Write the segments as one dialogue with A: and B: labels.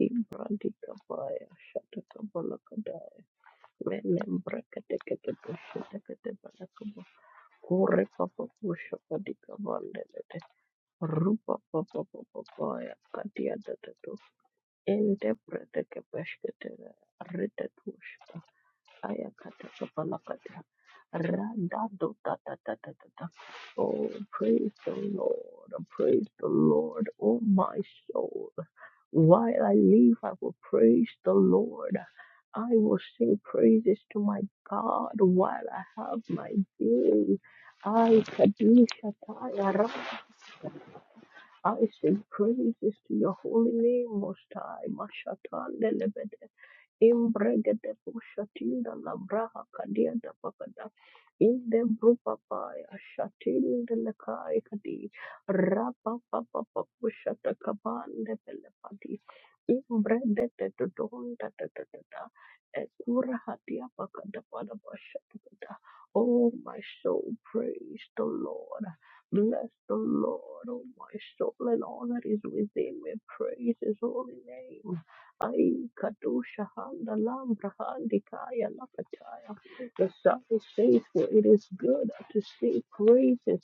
A: Ibrandika baya shata kabala kada Menembraka teke te pushe teke te bala kubo. Kore papa pushe kadika bandele te. Rupa papa papa paya katia te te tu. Ente prete ke peshke te rete tushe. Ayakatakabalakata. da. Oh, praise the Lord. Praise the Lord, oh my soul. While I live, I will praise the Lord. I will sing praises to my God while I have my being. I, Kadishataya, I sing praises to your holy name, Most High. Mashatan Imbregede pushatinda la braha kadia da pakada. In the brupa pai ashatinda la kai kadi. Rapa papa papushata kabande pelepati. Imbregede to don da da da da da. Ekura hatia pakada pada bashata kada. Oh my soul, praise the Lord. Bless the Lord, oh my soul, and all that is within me. Praise his holy name. Ai Kadosha Handa Lambrahandikaya Lapataya. The psalmist says, For it is good to sing praises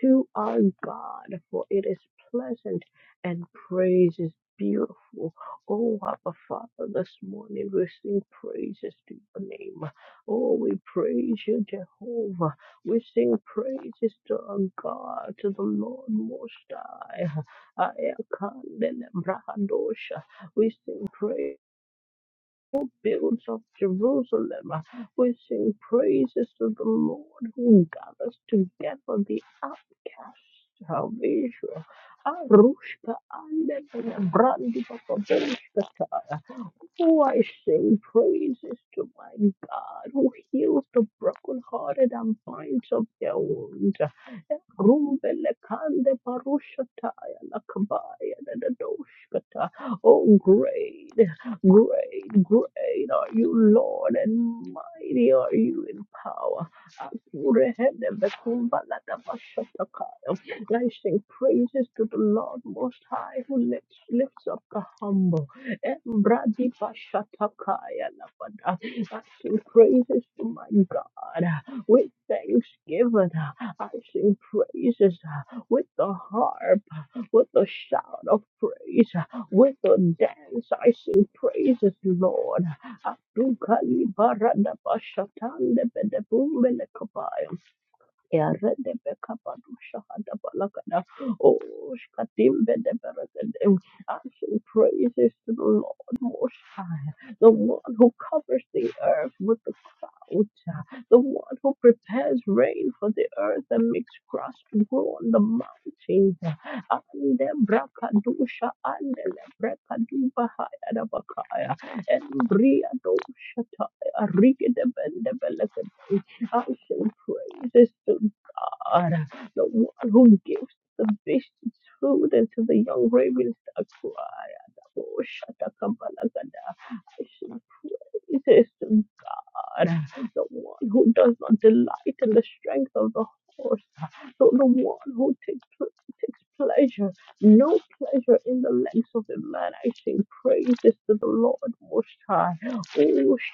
A: to our God, for it is pleasant and praise is beautiful. Oh, Abba Father, this morning we sing praises to your name. Oh, we praise you, Jehovah. We sing praises to our God, to the Lord Most High. Ayakandelebrandosha. We sing praise who builds of Jerusalem, we sing praises to the Lord who gathers together the outcasts of Israel. Arushka and Brandi Bababushka Oh, I sing praises to my God who heals the brokenhearted and binds up their wounds. Rumbele kande parushataya lakabaya dadadoshkata. Oh, great, great, great are you, Lord, and mighty are you in power. Akurehende bekumbala dabashatakaya. I sing praises to the Lord Most High who lifts, lifts up the humble. Embradi Pashatakaya Lavada. I sing praises to my God with thanksgiving. I sing praises uh, with the harp, uh, with the shout of praise, uh, with the dance. I sing praises, Lord. Abdukali Barada Pashatande Bedebumele Kabaya. Eredebekabadushahadabalakada. Oh, shkatimbedebelekede. I shall praise to the Lord Most High, the one who covers the earth with the cloud, the one who prepares rain for the earth and makes grass to grow on the mountains. Andebrakadusha, andelebrekadubahayadabakaya, embriadoshataya, rigedebendebelekede. I shall praise to God, the one who gives the sufficient food until the young ravens that cry. Praise God, the one who does not delight in the strength of the horse, so the one who takes, pl- takes pleasure, no pleasure in the legs of the man. I sing praises to the Lord Most High. Oh,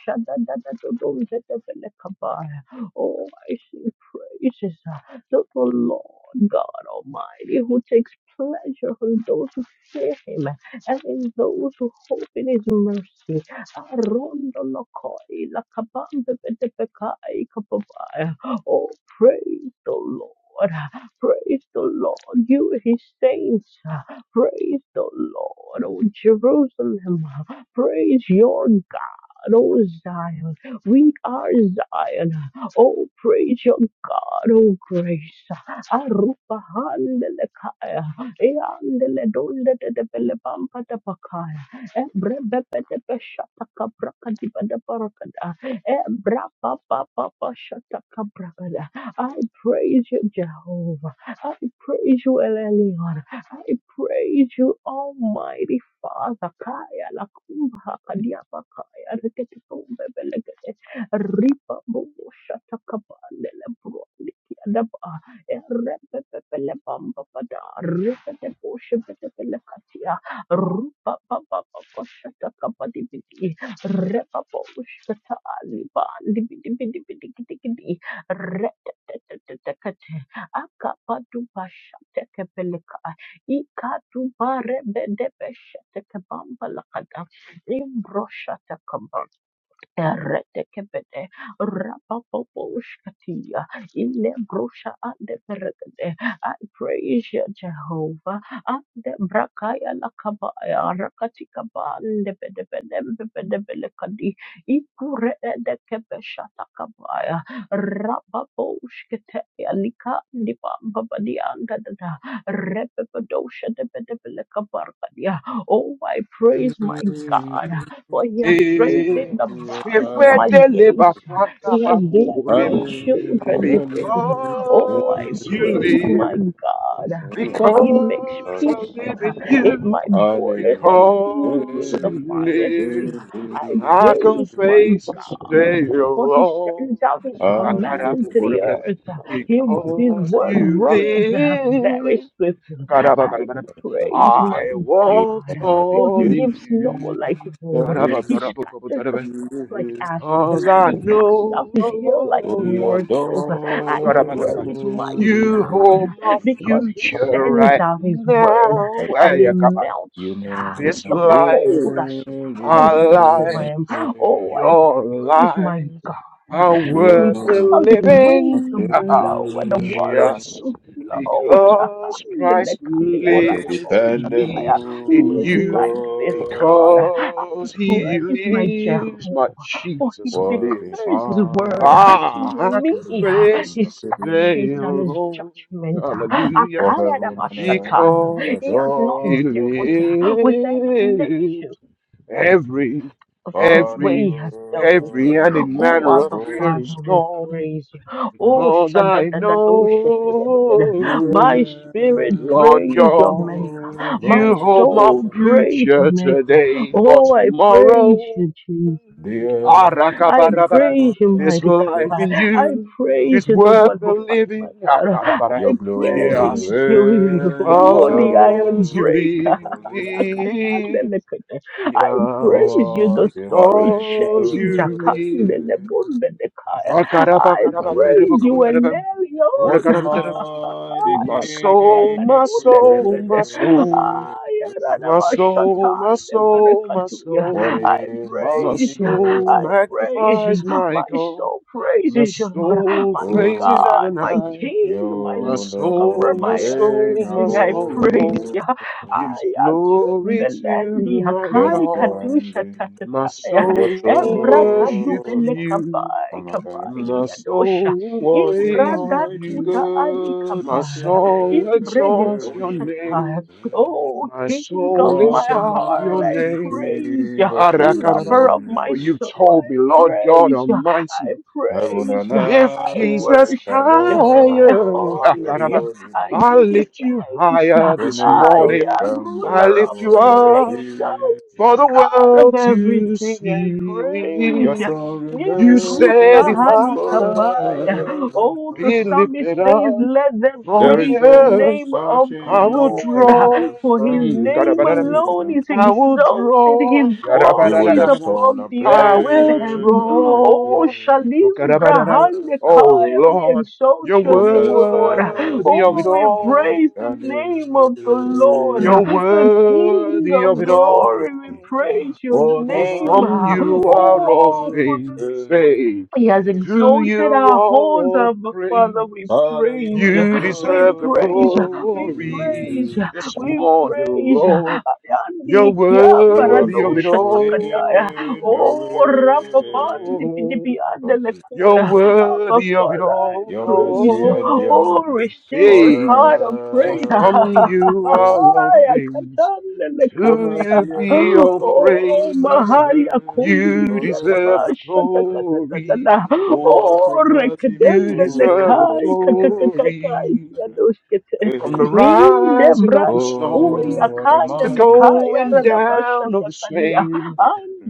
A: shadadadadadozedebelekabaya. oh I sing praises to the Lord God Almighty, who takes pleasure in those who fear Him and in those who hope in His mercy. Rondo lokoi lakabanda bedebekai kababaya. Oh, praise the Lord. Praise the Lord, you his saints. Praise the Lord, oh Jerusalem. Praise your O Zion. We are Zion. Oh, praise your God, oh grace. Arupa handele kaya. Eandele donde de de pele pampa de pakaya. Ebre bepe de pe shataka brakadi bada barakada. Ebra papa papa pa pa brakada. I praise you, Jehovah. I praise you, El Elyon. I praise you, Almighty Zakaya Lakumba Kadiapa Kaya rekete Kumbe Belegete Ripa Bubu Shata Kapandele Brondiki Adaba Repepe Pele Bamba Pada Ripete Bushe Pete Pele Katia Rupa Papa Papa Shata Kapadi Bidi Repa Bushe Tali Bandi Bidi Bidi Bidi Bidi Bidi kiti kiti Rete Akapa Dubasha Teke Peleka Ikatu bare bedebeshete kebamba lakada. Imbroshata kaba. Erekebede, rapapoposhkatia, ilebrosha ande perekede. I praise you, Jehovah. Ande brakaya lakabaya, rakatika bande bede bede bede bede kadi, ikure ede kebeshata kabaya, rapaposhkatia, lika ndipa mbabadi anda dada, repepedosha de bede bele kabarkadia. Oh, I praise my
B: Hallelujah,
A: God for he has strengthened
C: Eh,
A: the
C: They
A: bars of
C: were
A: my
B: hallelujah,
A: gates.
C: delivered from
A: He has blessed my
C: Kabakurim
A: children within me. Oh, I
C: because you
A: praise
B: hallelujah.
A: my
C: live,
A: God, for he makes
C: because I
A: peace
C: live in
A: in
C: you,
A: my borders and fills me
C: because
A: with the
C: you
A: finest wheat.
C: live.
A: I
C: I can
A: praise my
C: face this day
A: for he
C: alone.
A: sends out his command to the
C: Akarabukurabara,
A: earth. He, his
C: Because
A: word
C: you
A: runs very
C: live.
A: swiftly. I
C: Akarabakarabara,
A: praise my
C: I walk
A: God. For
C: tall
A: he
C: in
A: gives snow
C: you.
A: like wool. He scatters the
C: Karabatarabukabutarabara,
A: frost like ashes.
C: Cause I
A: He casts out
C: know,
A: his hail like
B: Oh, we
C: oh
A: morsels. I
C: God, I'm
B: adore
C: not gonna
B: your
C: lie.
A: praise my
B: holy
C: You hold my
B: name.
A: because he
C: future
A: sends
C: right
A: out his word
C: now.
A: and
C: Hey,
A: he
C: I got my-
A: melts
B: You
A: uh,
B: never
C: This
A: the
B: fail
C: life,
A: cold that
B: in
A: stands
C: our
B: your
A: before him.
C: lives,
B: way.
A: Oh, I
C: your
A: praise my
C: lives
A: God.
C: are
A: For
B: You're
A: he
C: worth the
A: causes his wind
B: what
A: to
C: living.
B: you
C: Haha.
A: blow and the waters
B: feel.
C: Just
A: to flow.
C: because Christ
B: What a
C: lives in me,
A: Who
C: in
A: is
B: dependable
C: you,
A: like this
B: God.
A: God?
C: because He
A: Praise my
C: lives,
A: Jehovah.
C: my
A: For he
C: Jesus
B: What a
C: lives.
A: declares his word
B: mighty King.
C: Ah,
A: to
C: I
A: me,
C: confess
A: his
B: of
C: this day,
A: statutes and
B: kings.
A: his
C: Lord,
A: judgment.
C: hallelujah,
B: For
A: Akaya da
B: heaven and
A: bashataya.
B: earth
C: because
A: He has not
C: He
B: adore your
A: dealt
B: holy.
A: with any nation
C: lives. Every,
A: of the
B: Father,
A: way
C: every,
A: he
B: you
A: has dealt with
C: every
A: us.
C: any
B: reign
A: Oh,
C: manner of
A: Abba
B: above.
C: fear is
A: Father, we
C: gone,
A: praise you. Oh,
C: because I
A: shadadadadoshatadadadada.
B: You
A: my
C: know,
A: spirit,
B: reign
C: Lord
A: praise your
C: God,
A: Maker.
B: above
A: My
C: you hold my
A: soul, praise your
C: future
A: Maker.
C: today for
A: Oh, I praise
C: tomorrow.
A: you,
B: the
C: Ah,
B: earth
A: I
B: is
C: rakabarabara.
A: praise you,
C: This
A: mighty
B: your
C: life
A: God.
C: in
A: I
C: you
A: praise
C: is
B: glory.
A: you, the
C: worth
A: one
C: the
A: who fought my
C: living.
A: battle.
C: Rakarabara.
B: Your
A: I
B: glory
A: praise
C: Just
A: you, you,
B: reigns
A: the iron
C: because
B: above
C: you
A: breaker.
B: the earth.
C: live.
A: Akatandelekete. I
C: Just
A: praise you,
B: Oh,
A: the
B: what a
A: story
B: mighty
C: because
A: change.
C: you
B: God I
C: live.
B: see.
A: Akandelebundelekaya. I
B: I am a
A: praise you,
B: big
A: Elio.
C: Rakarabakarabatelebokabatelebe.
B: What a
C: Orakarabatele-
B: mighty
C: My
A: Aya kaya
C: soul,
B: King
C: my
B: we
A: katunde
C: soul,
A: lebede.
C: my soul,
B: praise.
A: Aya
C: my soul,
A: ranabashatan
C: my soul, my
A: leberekatuya.
B: What
C: soul.
A: I
B: a
C: My
B: mighty
A: praise you.
C: soul
A: I
B: God. I
A: praise you.
C: magnifies
B: serve.
C: my
A: My
C: God.
A: soul
C: My
A: praises you, Lord.
C: soul
A: My
C: praises
B: Oh,
A: God, my
C: Adonai.
A: King, my
C: My
B: yo
A: lover,
B: don't
C: soul, my
A: my
B: rain
C: soul, my
A: everything. I praise
B: above.
C: soul
A: you
C: gives
A: ya
C: glory to
A: tumbelendi
C: my
B: There is
A: hakai
B: no
C: God.
A: kadusha
B: ending
C: My
A: tatataya
B: to your
C: soul
A: ebra
C: worships
B: throne.
A: kadubele
C: you.
A: kabai
B: I'm a fan
A: kabai
C: My
A: kiyadosha
C: soul
B: What a
C: praises
A: imbrada
B: mighty
A: tuda
C: you.
A: ali
B: God
C: My
B: we
A: kabai
B: serve.
C: soul exalts your
A: imbregedosha taya
C: name.
A: oh
C: My
A: king
C: soul
A: of my
B: What
C: lifts
B: a
C: up
A: heart
C: your
A: I
B: mighty
C: name.
A: praise
B: King
A: you.
B: I
A: lover
C: Arakarabara.
A: of my
C: For
B: serve.
C: you
A: soul I
C: told me, Lord God
A: praise you. I
C: Almighty,
B: Heaven
A: praise
B: and
A: you.
C: if
A: I
C: Jesus
B: earth
A: worship you I
C: higher,
B: adore your
A: honor
C: Akaraba.
A: you
B: holy
A: I
C: I
B: name.
A: give you
C: lift you
A: thanks.
C: higher
B: The
C: this
A: I
B: nations
C: morning.
A: am
C: I
A: ruler
B: tremble
A: of
C: lift you
A: the
B: at your
C: up
A: nation,
B: feet.
C: for the
A: God of
C: world to
A: everything I
C: see.
A: praise.
B: Your throne
C: You
A: Nim
C: said
A: Rusha
C: if
B: remains forevermore.
C: I
A: Halikabaya. Oh, the
C: be
A: psalmist
C: lifted
A: says,
C: up
A: Let them
C: from
B: There
C: the
B: is
A: praise the
B: no
C: earth.
A: name of the
C: I will
B: searching to
A: Lord.
B: your
C: draw.
A: For his
C: Mm,
B: understanding.
A: name
C: gadabadadam.
A: alone is
C: I will
A: exalted, his
C: draw.
B: We
A: glory
B: will
A: is
C: gadabadadadadam.
A: above
B: extol and
A: the
C: I
A: earth and
C: will
B: praise
A: heavens.
B: your name
A: Oh,
C: draw.
B: in
C: Oh,
A: Shalim
B: the
C: gadabadadam.
A: Brahande
B: highest of
C: Oh,
B: us.
A: Kaya, we
C: Lord,
A: exalt
C: you're
A: your
B: Oh,
A: name, O
B: blessed
A: Lord.
C: worthy of
B: be
A: Oh,
C: it
A: we praise
C: all.
B: your
A: the name of the Lord,
C: You're
B: name.
A: the King
C: worthy of
A: of
C: it
B: forever.
A: glory. We
C: all.
A: praise your
B: What a
C: For
A: name.
C: from
B: mighty
C: you are all
A: Oh,
B: God
A: for the
C: things.
B: is
C: Say,
A: he has
C: to you
A: exalted our
C: are
A: horns,
C: all
A: Abba Father.
C: praise.
A: We
B: Father, you
A: praise
B: are
A: you.
C: You
B: so
A: We
C: deserve the
A: praise you.
B: worthy to. be
A: We
C: glory
A: praise you.
C: this
A: We
B: praised.
C: morning,
A: praise you.
C: Lord. You're
A: Ayandilikiamba
B: You are
C: worthy of it
A: radosha
B: faithful in
A: takadaya.
B: your
A: Oh,
B: way.
A: Rababandi
C: all.
B: Lord Jesus.
C: You're
A: Pidipiandelekoya. Abba
C: worthy of it
A: Father, I
B: Your
A: praise
B: mercy
A: you.
B: endures
A: Oh,
C: all.
A: receive this
C: Hey,
A: heart of
C: for
A: praise.
C: from
B: forevermore.
C: you
B: Oh,
C: are all
B: Father.
C: things.
B: your
C: To you
B: mercy
C: be all
B: alone
A: Oh,
C: praise.
A: mahari
B: remains
A: akundi
C: You
A: kianda
C: deserve
B: forever.
C: the
A: pasha ta ta ta ta ta
C: glory.
A: ta.
B: Oh, what a
A: Oh,
C: You
A: rekdende le
C: deserve
B: merciful
C: the
B: God I
A: kai kai kai kai kai kai
C: glory.
A: kianda uskete.
C: From the
B: serve.
A: Min de
C: rising of the
A: brandi
B: Oh,
A: kui
C: sun
B: what a
C: to the
A: akande le
B: mighty
A: kai
C: going
B: God.
A: arada pasha
C: down of
A: ta
C: the
A: kania.
C: same,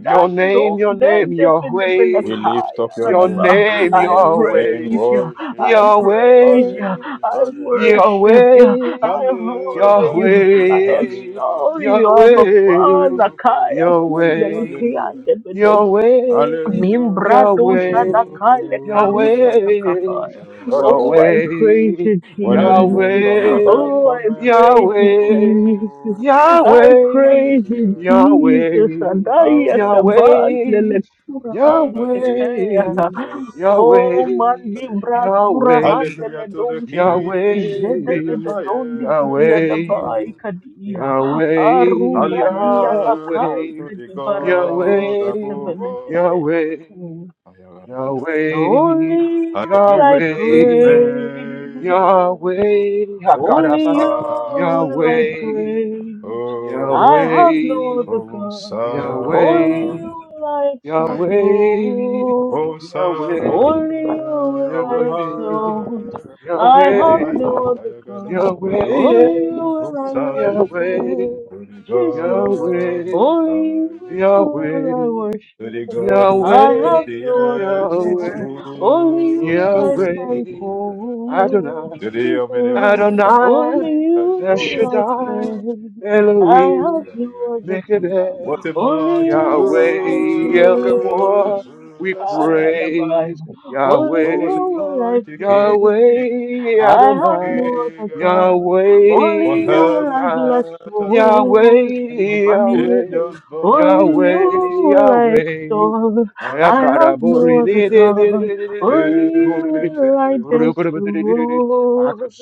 C: your name, your name,
A: bende
C: your
A: bende bende
B: We
C: way,
A: kai
B: lift up your
C: your
A: arada ba.
C: name,
A: I
B: name
C: your
B: in
C: way,
A: praise you. I
B: worship.
C: your
A: praise
B: Halle,
A: you.
C: way,
A: I
B: halle,
C: your
A: worship you. I
C: way,
B: halle,
A: honor
C: your
A: you. I
B: halle,
C: way,
A: extol you,
C: your
A: Abba
C: way,
A: Father. Kaya
C: your
A: kumbe
C: way,
B: hallelujah,
A: likiande
C: your
B: hallelujah,
C: way, your
A: Mimbrado
C: way,
A: Shalakale
C: your
A: Karusha
B: hallelujah.
C: way,
A: Takabaya.
C: your
A: Oh, I praise
C: way.
A: you,
B: When I
A: Jesus.
B: remember my help
C: Yahweh,
A: Oh, I
B: cometh
A: praise
B: from
A: you,
C: Yahweh,
A: Jesus.
B: above, I will
A: I
B: sing
C: Yahweh,
A: praise you,
B: hallelujah.
A: Jesus.
C: Yahweh,
B: I
A: Adaya
B: will
A: Kabande
B: sing
C: Yahweh,
A: Lekura Hande
B: Hallelujah.
C: Yahweh,
A: Ketea.
C: Yahweh,
A: Oh,
C: Yahweh,
A: Mandibra Kura
C: Yahweh,
B: Hallelujah
A: Hande
B: to the
A: dosha.
B: King
A: Jede
B: in
A: de
B: the
A: de
C: Yahweh,
A: dondi di dia da
C: Yahweh,
B: highest.
A: bai kadia.
C: Yahweh,
A: Aruga dia
B: Hallelujah
A: lakai
B: to the
A: kadi barakadosh
B: God
C: Yahweh,
B: above
A: katebele
B: all.
C: Yahweh.
A: Mm.
C: Yahweh,
A: Only you will
B: Hallelujah
A: I
B: to the
C: Yahweh,
B: name of
A: praise.
B: the
C: Yahweh,
B: Lord Most
A: Only you
C: Hakarabana,
B: High.
A: will I
C: Yahweh,
A: praise.
B: Oh,
A: I
C: Yahweh,
A: have no other God. Only you
C: Yahweh,
A: will I
C: Yahweh,
A: exalt.
C: Yahweh,
B: Hosanna,
A: oh.
B: Hosanna
C: Yahweh.
A: Only you will
B: in the
A: I exalt.
B: highest.
A: I
C: Yahweh,
A: have
B: Aye,
A: no other
B: kaya gada.
A: God.
B: We will sing
A: Only you will I
C: Yahweh,
B: Hosanna
C: Yahweh,
A: worship.
B: to the
A: Jesus.
B: God Most
C: Yahweh,
A: Only you
B: High,
A: will I
C: Yahweh,
B: to the
A: worship.
B: God who has
A: I
B: made
A: have
C: Yahweh,
B: the
A: no other
B: earth His
A: God,
C: Yahweh,
A: only
B: footstool,
A: you I
C: Yahweh,
A: stand cold,
C: Adonai,
B: to the
A: Jesus.
B: omnipotent
A: Only
C: Adonai, El
B: God.
A: you I
C: Shaddai,
A: stand. I have
B: Hallelujah,
C: Elohim,
A: no
B: hallelujah.
A: other God,
B: What a
C: Mekadesh,
A: only
B: mighty
A: you I
C: Yahweh, El
B: God
C: Gabor,
A: praise.
C: we
B: I say.
A: Karadabaya.
C: praise
A: Only
B: Oh, what
A: you
B: a
C: Yahweh,
A: will I
B: mighty King
A: praise.
C: Yahweh,
B: I
A: I have
C: Adonai,
A: no other
B: pray.
A: God,
B: For
A: only
C: Yahweh,
A: you
C: El
A: will I
B: heaven and
C: Shaddai,
A: bless.
B: earth adore
C: Yahweh,
A: Oh,
B: In
A: Shalabani.
C: Yahweh,
B: your bow
A: Only
B: before
C: Yahweh,
B: you.
A: you will I
C: Yahweh.
A: extol.
B: I
C: I
A: I
B: sing
C: could
A: have no other
B: hallelujah.
A: God. Only you will I destroy.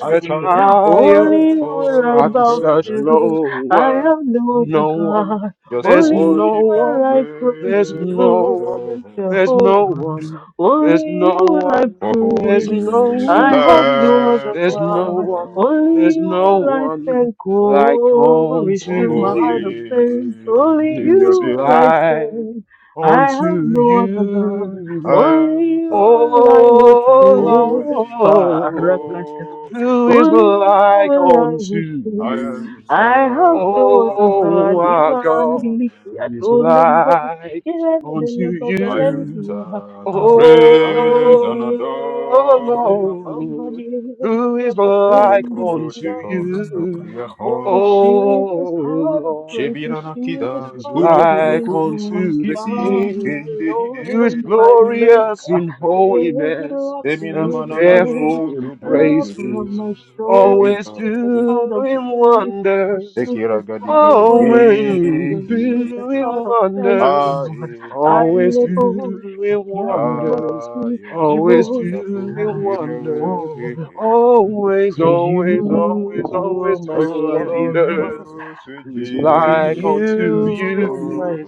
B: I cast my crown
A: Only
C: higher,
A: you will
B: before
A: I
C: I
B: your
C: could
A: bow
C: search
B: presence
A: to. I
C: lower.
A: have no other
C: No one,
A: God.
B: just to
C: there's
A: Only you
C: no
B: worship
A: will
B: and
A: I
C: one,
A: praise
C: there's
B: praise and
C: no
A: you,
C: one,
B: adore.
C: there's no
A: Jehovah.
C: one, there's
A: Only you
C: no
A: will I
C: one,
B: For
C: there's
B: holy
A: praise.
C: no
B: is the
A: I have
C: one,
A: no other
B: Lamb
C: there's no
B: upon
A: God.
C: one,
A: Only
C: there's
A: you
B: the
C: no
A: will I
B: throne.
C: one
A: thank.
C: like
A: Oh,
B: For
A: receive
C: unto
A: my heart of
C: him.
B: holy
A: thanks. Only
B: is
C: New
B: your
C: is
A: you will I
B: name.
C: life
A: thank. I have
C: unto
A: no other God,
C: you,
A: only
B: And
A: you will I
B: I to your
A: worship.
C: O
B: holy, your
C: Lord.
A: Barakata.
B: holy.
C: Who is
A: Only you
C: like
A: will I
C: unto
A: worship.
B: I
C: you,
A: I have
B: enter by the
A: no other
C: O
A: God,
C: our
B: blood of the
C: God?
A: Ibandiliki
B: Lamb.
C: Who is
A: Adonai,
C: like unto
A: Irendele
B: I
C: you,
A: Babalentia,
B: enter to
A: Arababamba
B: praise
C: O
B: and
A: Maria,
B: adore
A: Shababamba
B: you,
C: Lord?
A: Maria,
C: Who is
B: Lord.
C: like
A: Rabakundi
B: Oh,
C: unto
B: take all
A: Bidiana.
B: the glory
C: you,
B: and
A: Oh,
C: O
B: honor.
A: receive this heart of
C: Lord?
A: praise,
B: Shebira
A: receive this
C: Who
B: nakida,
C: is
A: heart
B: kunu
A: of
B: kunu
C: like
A: praise.
B: kunu,
C: unto the
A: God,
B: kisi
C: King?
A: my
B: keide hide.
C: You is
A: Lord, my
C: glorious
A: Maker,
C: in
A: Creator
C: holiness
A: of the
B: Emina
C: and
B: manana
C: fearful
A: universe,
B: nu,
C: in
B: du du du
A: Lover
B: du.
A: of
C: praises,
A: my soul,
C: always
B: Shebira.
A: receive this heart of
C: doing
A: praise,
C: wonders,
A: receive
B: Ekira
A: this
B: gadi
A: heart of
B: gidi
A: worship,
C: always
A: receive this
C: doing
B: gidi.
A: heart of faith,
B: Ah,
C: wonders,
A: Lord.
B: hey, hey,
A: I
B: hey,
C: always
A: live
B: hey.
A: a worship,
C: doing
A: the animal of
C: wonders,
B: Ah,
A: the
B: you are so
A: evil
C: always
B: wonderful
C: doing
A: worship.
B: in your way.
C: wonders,
B: Hey,
A: Oh,
C: always,
B: hey.
A: praise
C: always,
A: you,
C: always,
A: oh,
C: always
A: my
C: doing
B: Oh, I
A: Savior,
B: love
C: wonders.
B: you, sweet
C: Who is
A: praise
C: like unto
A: you,
B: Jesus.
A: oh,
C: you,
B: Oh,
A: my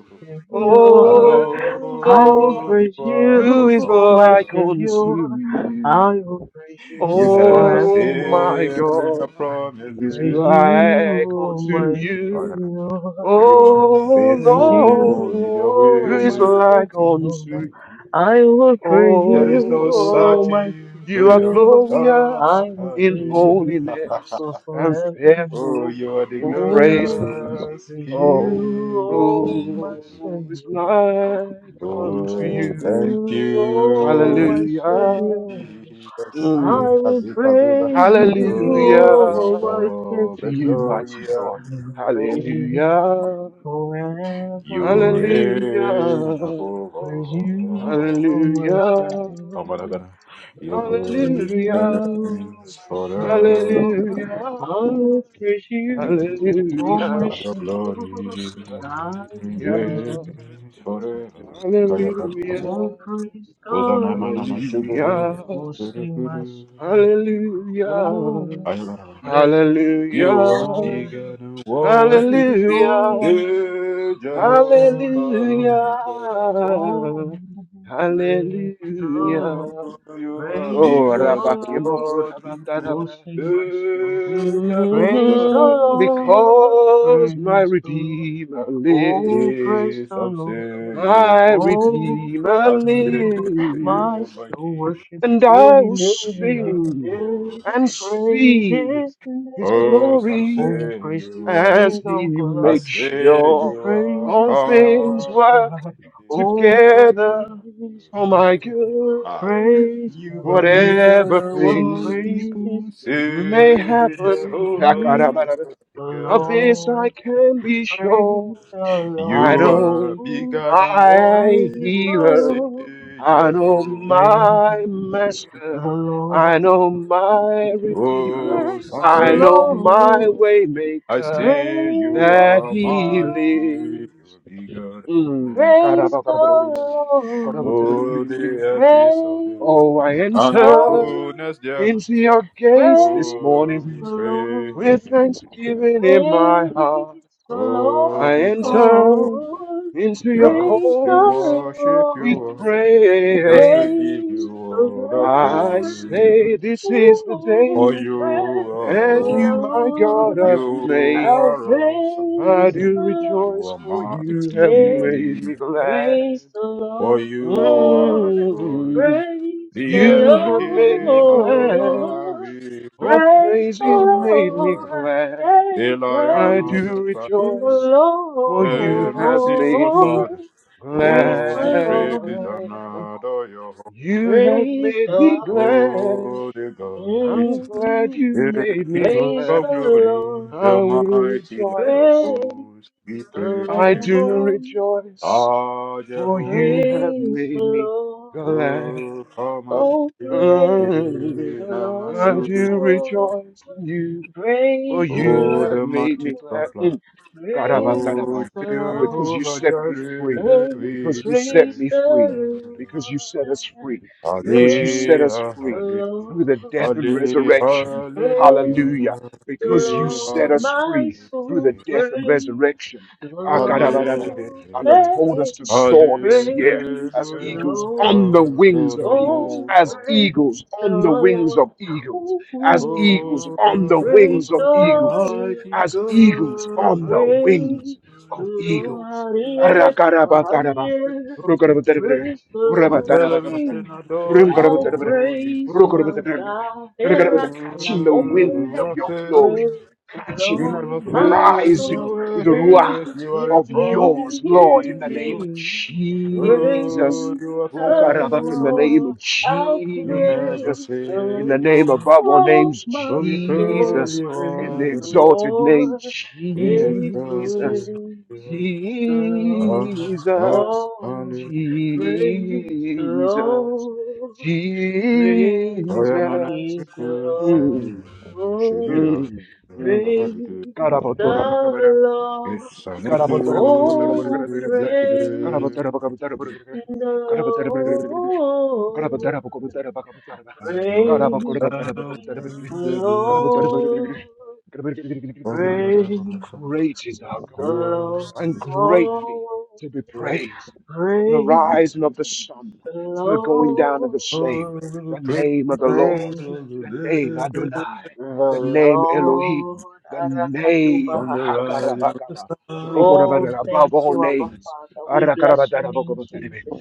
B: I
A: Savior.
C: O
A: I will
B: love
C: Lord?
A: praise
B: you,
A: you,
B: Abba
C: Who is
A: O my
C: like
B: Father.
A: Savior.
C: unto
A: I will
C: you,
A: praise
B: You
A: you
B: never
C: O
A: forevermore.
C: my
B: fail in your
C: God?
A: I will
C: Who is
A: praise
B: promises.
A: you,
C: like
A: O
C: unto
A: my
B: Oh,
C: you,
A: Savior.
B: You
A: I
B: are
A: will
C: O
A: praise
B: faithful
A: you,
C: Lord?
B: in your
C: Who
A: O
C: is
A: my
B: way.
C: like
A: Savior.
C: unto you?
A: I will praise
B: There is
A: you,
B: no
C: Oh
A: O
C: Lord,
A: my
B: searching to
C: you are
B: your
A: Savior.
C: glorious
A: I will
C: in
A: praise
B: understanding.
A: you
C: holiness and
B: Oh,
A: forevermore.
C: fearful
B: you are the
C: in
A: Oh, I
C: praises.
B: glorious
A: praise
C: Oh,
A: you,
B: King of
A: O my
B: Kings.
C: who is
A: Savior.
C: like unto
A: Praise
B: Oh,
C: you?
B: thank
A: you,
B: you,
A: oh
B: Lord
A: my
C: Hallelujah.
A: Savior.
B: Jesus.
A: I
B: You
C: Mm.
B: have
A: will
B: the Kazuza.
A: praise you,
B: You
A: oh
B: take
C: Hallelujah.
A: my
B: all
C: To
B: the
C: you,
A: Savior.
B: glory
C: mighty
B: and
C: God.
A: I will
B: honor.
A: praise you
C: Hallelujah.
A: forevermore.
B: you reign
C: Hallelujah.
B: above
A: Praise you,
B: all.
A: oh my
C: Hallelujah.
A: Savior.
B: Amaragana.
A: I
B: Your
A: will praise
B: glory
C: Hallelujah.
A: you, oh
B: reigns
A: my
B: forever.
A: Savior.
C: Hallelujah.
A: I will praise
C: Hallelujah.
A: you, oh
C: Hallelujah.
A: my
B: Your glory
A: Savior. I will praise
B: is
A: you forever.
B: forever. Kaya
C: Hallelujah.
B: Kadiri.
A: Oh, praise
B: Kozana
A: God.
B: Manama
C: Hallelujah.
B: Shuguru.
A: Oh, sing my
B: Guru
A: soul. Oh,
B: Ayabara.
A: praise
C: Hallelujah.
B: You
A: the
B: are
A: Lord.
B: bigger than what
A: Praise
B: we
A: His
B: could.
A: holy
C: Hallelujah.
A: name.
B: Yeah,
A: Oh, sing my soul.
B: Jehovah, bigger than
A: Oh,
C: Hallelujah.
A: praise the
B: Oh,
A: Lord.
C: Hallelujah.
B: you are
A: Praise
C: Oh,
A: the
B: bigger than
A: Lord.
B: what we people.
A: Oh,
C: rapakimokurabataravara.
A: sing my soul.
B: Yeah,
A: Praise the
B: Jehovah,
C: Mhm,
B: bigger.
A: Lord,
C: because my
A: praise the Lord.
C: Redeemer
A: Oh,
C: lives,
A: praise
B: Hey,
A: the
B: some say
A: Lord.
B: you
C: my
A: Oh,
C: Redeemer
A: praise
B: I
A: the
B: say
A: Lord. My
B: you
C: lives,
B: are my
A: soul worship
B: king,
C: and
A: his
C: I
A: holy
C: will sing
B: Lord.
A: name.
C: and
A: Praise his
C: see his
A: name.
B: Oh, some
C: glory
A: Oh,
B: say
A: praise to the
B: you
C: as
A: King
C: he
A: of
B: are. I
A: glory.
C: makes
B: say
A: Sing
C: sure
B: you are
C: all
A: praises to the
C: things
B: God.
A: Most
C: work
A: High.
B: You are bigger
A: Oh,
B: than what
C: together
A: praise
C: for
B: people
A: my
C: my
B: say.
A: soul.
B: Ah,
C: good,
A: Praise
B: you are
A: Jehovah.
B: bigger
C: whatever
B: than
A: Sing
B: what
C: things
A: praises
B: people
A: to the King of
C: may
A: kings.
B: say.
C: happen.
B: Jehovah,
A: Praise
C: Shakarabarabara.
A: the
B: bigger
C: Of
B: than what.
C: this I
A: Lord.
C: can be sure.
A: Praise the
B: You
C: I
B: are
C: know
A: Lord.
B: bigger than what
C: my
A: Praise
B: even
A: the
B: I
C: healer.
B: say,
A: Lord.
C: I know
B: Jehovah.
A: Praise
C: my
A: the
C: master. I
A: Lord.
C: know my redeemer.
B: Oh,
A: Praise
B: some
A: the
C: I
B: say
C: know
B: you are.
C: my
A: Lord.
B: I
C: waymaker.
B: say
A: Praise
B: you
C: That
B: are
A: the
C: he
B: mighty,
A: Lord.
B: you're
C: lives.
B: bigger than all.
C: Mm.
A: Praise the
C: Karabakarabarabara.
A: Lord.
B: Oh, the earth
C: Karabatarabara.
B: is of the Lord,
C: Oh, I
A: Praise the
B: and the
C: enter
A: Lord.
B: fullness thereof.
C: into your gates this
A: Praise
B: Oh,
C: morning.
B: we
A: the
B: pray.
C: With
A: Lord.
C: thanksgiving in my
A: Praise
C: heart,
A: the
B: Oh,
C: I
B: we come before
C: enter
A: Lord.
C: into your
A: Praise
B: just to
C: courts
A: the
B: worship
A: Lord.
C: with
B: you, oh, just to
C: praise.
B: give
A: Praise
B: you
A: the
B: all the
C: I
A: Lord.
B: praise.
C: say, This is the
B: For
A: oh
C: day
B: you
A: praise
B: are
A: the
C: that you,
B: worthy,
C: my God,
A: Lord.
C: have
B: you
A: I'll
C: made.
B: are awesome,
C: I
A: praise
C: do
A: the
B: you
C: rejoice,
B: are
C: for you
B: mighty.
C: have
A: Lord
C: made me glad.
A: Praise
B: For
A: the
B: you are
A: Lord.
B: glorious.
C: Mm,
A: Praise the
B: The
C: you have made me
B: Elohim
C: glad.
B: Adonai
A: Lord.
B: we
C: All
B: praise
A: Praise
C: praise
A: the
C: has
B: and
C: made me
B: adore you.
A: Lord.
C: glad.
A: Hey,
B: The Lion
C: I do
B: of
A: praise
B: the tribe of
A: the
C: rejoice.
B: Judah,
C: for you
B: the
C: have
B: merciful
C: made me
A: Lord.
B: Father.
A: Praise
B: Oh, we
A: the
B: praise
C: glad.
B: and
A: Lord.
B: adore your holy.
C: You have
A: Praise the
C: made me
A: Lord.
C: glad.
B: Oh, the God, we
C: I'm
B: serve.
C: glad you
B: the
C: made me
B: King
A: Praise the
B: of
C: glad.
B: glory,
A: Lord.
B: the
C: I will
B: mighty Lord of
A: Praise
C: rejoice.
B: hosts. We praise
A: the
C: I do
A: Lord.
B: you.
C: rejoice,
B: Ah,
C: for you
B: Jehovah.
C: have
A: Praise the
C: made me
A: Lord.
C: glad.
B: O Kamadi,
A: Oh, praise
C: Mm.
A: the
C: I
B: Namasu,
C: do
A: Lord.
C: rejoice in you, for
A: Praise the
C: you
B: O
C: have
B: the
A: Lord.
C: made
B: mighty
C: me glad.
B: Sofla,
C: Mm. Karaba,
B: O
C: karaba.
A: Praise the
C: And
A: Lord.
C: because you
B: Jehovah
C: set me free,
B: Jireh,
A: Hey,
B: we
C: because you set
B: pray.
A: praise
C: me
A: the
C: free,
A: Lord.
C: because you set us free, because you set
A: Praise
C: us
B: Hallelujah,
A: the
C: free through the
A: Lord.
C: death and
B: hallelujah,
C: resurrection.
B: hallelujah,
A: Praise
C: Hallelujah.
A: the
C: Because you
B: eh,
C: set
A: Lord.
C: us
A: My
C: free
B: hallelujah,
C: through the
A: soul
C: death and
A: praise
C: resurrection.
A: the
C: Akarabarabaram.
A: Lord.
C: And have told
B: hallelujah,
A: hey,
C: us to soar this year
A: Praise
C: as
A: the
C: eagles
A: Lord.
C: on the
B: hallelujah, to
C: wings of
B: the
C: eagles,
A: Oh,
B: Most
C: as
B: High.
A: praise
C: eagles
A: the
C: on the wings
A: Lord.
C: of eagles, as eagles
A: Ooh,
B: For
C: on the
A: praise
B: what
C: wings
A: the
C: of
B: a
C: eagles,
A: Lord.
B: mighty
C: as eagles
B: God.
C: on the
A: Praise
C: wings
A: the
C: of
A: Lord.
C: eagles.
A: Ariele
C: Arakarabataraba.
A: Cabaraniel.
C: Rukarabatarabatara.
A: Praise the Lord,
B: Relevant
A: she.
B: and adore your
A: I'll
B: holy
A: praise
B: name.
A: my God.
C: Catching the
B: You
C: wind
B: who
A: Erakalabombele.
C: of
B: are
C: your
B: faithful,
C: glory,
A: Praise the
B: you
C: catching,
A: Lord,
B: never
A: my
B: fail in
A: soul.
C: rising with
B: your
C: the
A: Praise
C: ruach
B: ways. You are
A: his
B: a
C: of
A: name.
B: promise
C: yours, Lord, in the
B: keeping
C: name
B: God.
C: of
A: Praise
C: Jesus.
B: Oh, you are
A: the
C: Rukarabak,
B: faithful,
C: In the
B: Lord.
C: name
A: Lord.
C: of
A: I'll
B: You never
A: praise
C: Jesus,
A: the
C: in
B: fail
C: the
A: Lord.
B: in your
C: name
B: ways.
C: above all
A: Oh,
C: names,
A: my
B: Oh, we praise
A: soul,
C: Jesus,
B: you,
C: in
A: praise
C: the
B: Lord.
A: the
C: exalted name,
A: Lord.
B: We
A: Hey,
B: exalt
C: Jesus,
A: praise
B: you.
A: the Lord.
B: Ah, ah,
C: Jesus.
A: oh.
B: allez.
A: Praise the
C: Jesus,
A: Lord.
B: Oya mana
C: Jesus.
A: Praise the
B: ku semi,
C: Mm,
B: semi
A: Lord.
B: la,
C: mm, mm.
B: la
A: Praise
B: valide.
A: the Lord.
B: Esa no
C: Great
B: te,
A: Oh, praise
B: valide.
A: the Lord.
B: You are the
A: Praise
B: sound
A: the
B: that we do.
A: Lord.
B: Oh, na, na, na,
A: Praise
B: so.
C: is our
A: the
C: God,
B: You are the
C: and
B: sound
C: greatly
A: Lord.
C: to be praised from the
A: Praise
C: rising of the sun
A: the
C: to the going down of the
A: Lord.
B: Oh,
C: same.
B: we will
C: The
B: praise
C: name of the
B: you
C: Lord,
A: Praise
B: all the
C: the name
B: day.
C: Adonai,
A: the
C: the name Elohim,
A: Lord.
C: the name
B: From the
A: Arakadubahashatai.
B: rising of
C: Hakarabakaba.
B: the
A: Oh,
C: Rokorabara, above
A: thank
C: all
A: you,
B: sun.
A: Abba
C: names.
A: Father. We bless your name,
C: Arakarabatarabokoboterebe,
A: Jesus.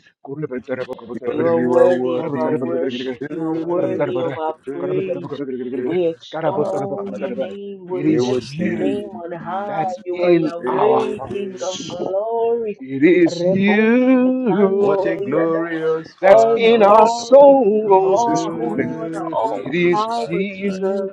A: You
B: Because
A: are
C: kurebeterebokoboterebere,
B: you are
A: worthy of our
B: worthy to be
A: worship.
C: karaboterebere,
A: You are worthy
C: arakaraboterebere,
A: of our praise.
B: praised.
C: karaboterebere,
A: We
B: Ah,
A: extol your
C: karaboterebokoboterebe.
B: hallelujah.
A: name. We
C: It
B: We
C: is
B: will
A: lift your name
C: you
B: sing.
A: on high.
C: that's
A: You are
C: in our
A: Yahweh, King
B: Hallelujah.
A: of
C: hearts.
A: glory.
C: It is
A: Rebosh
C: you,
A: katanda
B: What a
C: Lord
A: bariada.
B: glorious
C: that's
A: All
C: in
B: Father
C: our
A: glory,
B: we
C: souls
A: all
C: this morning.
A: honor, all
B: serve.
C: It is
B: Aye,
A: power to
B: aye.
A: you.
C: Jesus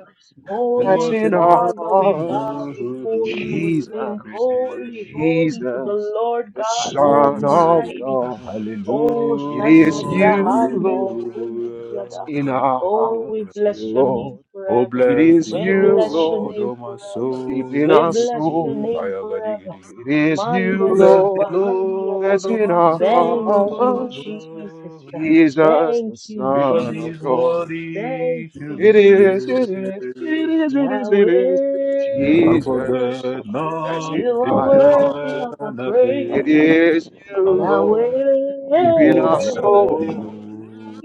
C: that's
A: Holy
B: What
C: in
B: a
C: our
A: Father,
B: mighty
A: we bow
C: hearts.
B: God.
A: before you. We sing
B: we
C: Jesus,
A: holy,
B: serve.
A: holy to the
C: Jesus,
A: Lord
C: the
A: God
B: Oh,
C: Son of
A: Almighty.
C: God.
B: hallelujah.
A: Oh,
C: It
A: Shande
C: is you,
A: Brahande
C: Lord,
A: Lekundi
C: that's
A: Yada.
C: in our
A: Oh, we
C: hearts,
A: bless your
B: Hallelujah.
A: name
C: Lord.
B: Oh,
A: forever.
C: It
B: bless
C: is
B: the
A: We
C: you,
A: bless your
B: Lord,
C: Lord,
A: name
B: oh my
C: you
A: forever.
C: deep in
A: We
C: our
B: soul.
A: bless your
C: soul.
A: name forever.
B: Ayagadigi.
C: It is
A: Manda
C: you,
B: Bless the
C: Lord,
A: Likubahandi
B: Lord,
C: that's
A: Yadaba.
B: oh
C: in
B: my
C: our
A: Thank you,
B: soul,
C: hearts.
A: Jesus.
C: Jesus,
A: Thank
C: the
A: you,
B: because
C: Son
B: he
C: of
B: is
A: Jesus.
C: God.
A: Thank
B: worthy to
A: you,
B: be
C: It is, it
B: praised.
A: Jesus.
C: is, it is, it is, it
A: Yahweh,
C: is.
B: And
C: Jesus,
B: forget
C: that's
B: not
C: in
A: you are
B: his
C: my heart.
A: worthy
B: benefit.
A: of our
C: It
A: praise.
C: is you,
A: Yahweh,
C: Lord,
B: Alagadagada.
C: deep in
B: Oh,
C: our
B: bless the
C: soul.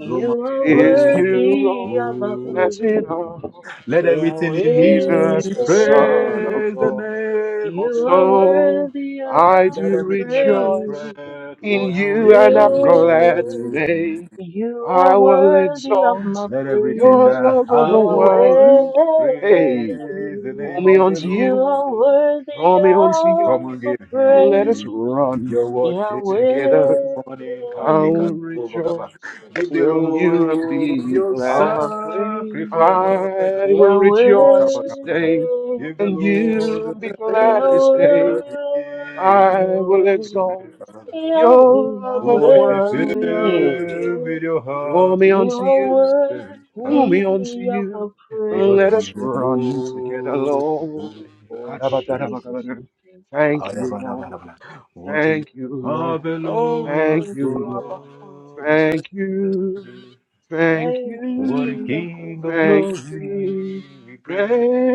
B: Lord, oh my
A: are
C: It is you,
A: worthy
C: Lord,
A: of our
B: soul.
C: that's in our
A: praise.
B: Let
C: hearts.
B: everything
A: Yahweh,
B: in me
C: Jesus, the Son of
B: praise the
C: God.
B: name of the
A: you are
B: Lord.
C: So
A: worthy of
C: I
B: Let
A: our
C: do
B: everything that has
C: rejoice
A: praise.
B: breath
C: in you,
B: worship
C: and I'm
A: Yahweh,
C: glad
B: you.
C: today.
A: you
C: I
A: are
C: will
A: worthy of
C: exalt
A: my
B: Let everything
C: your
A: praise.
B: that
C: love over
B: have voice
C: wine.
A: Yahweh,
C: Hey,
B: praise the
C: pull
B: name
C: me
B: of the
C: unto
A: you
B: Lord.
C: you,
A: are worthy
C: draw me unto you,
B: Come
A: of
B: and
A: a
B: give
C: and let us
B: him
A: praise.
B: your
C: run
B: worship this
C: together.
A: Yahweh,
B: morning.
C: I
B: Kadika
C: will
B: Bogaba.
C: rejoice
B: Give the
A: you
C: in
A: are
C: you
A: worthy
C: and
B: Lord
C: be
B: your sacrifice.
A: of
C: glad.
A: our praise.
C: I will
A: Yahweh,
B: Oh,
C: rejoice this
B: kabadabadaba.
C: day,
B: Give the
A: Yahweh,
C: and
B: Lord
C: you
B: the
C: and be glad
B: praise
C: this day.
A: Yahweh,
B: that he is
C: I will
A: Yahweh,
B: worthy.
C: exalt
B: Kabadabadaba.
C: your love of the
A: Yahweh,
B: Worship
A: Yahweh,
C: one.
B: Him
A: Yahweh.
B: with your
C: Draw
B: heart
C: me
A: You
C: unto
A: are
B: and
C: you,
B: spirit,
C: pull
A: worthy
C: me
B: Kabadabadaba.
C: unto
A: of our
C: you, and
B: because
C: let us
B: He's the
C: run
A: praise.
C: together,
B: Lord.
C: Lord.
A: Oh Jesus, we thank you.
C: Thank you, Lord.
B: Ayabadabadaba. What is
C: Thank you, Lord.
A: Oh,
B: marvelous
C: Thank
A: thank
C: you,
A: you, Abba
C: Lord.
A: Father.
B: God we serve?
C: Thank you. Thank
A: Thank you,
B: What a
A: King
C: you.
A: of
B: King of
A: Glory.
C: Thank
B: glory
C: you.
B: we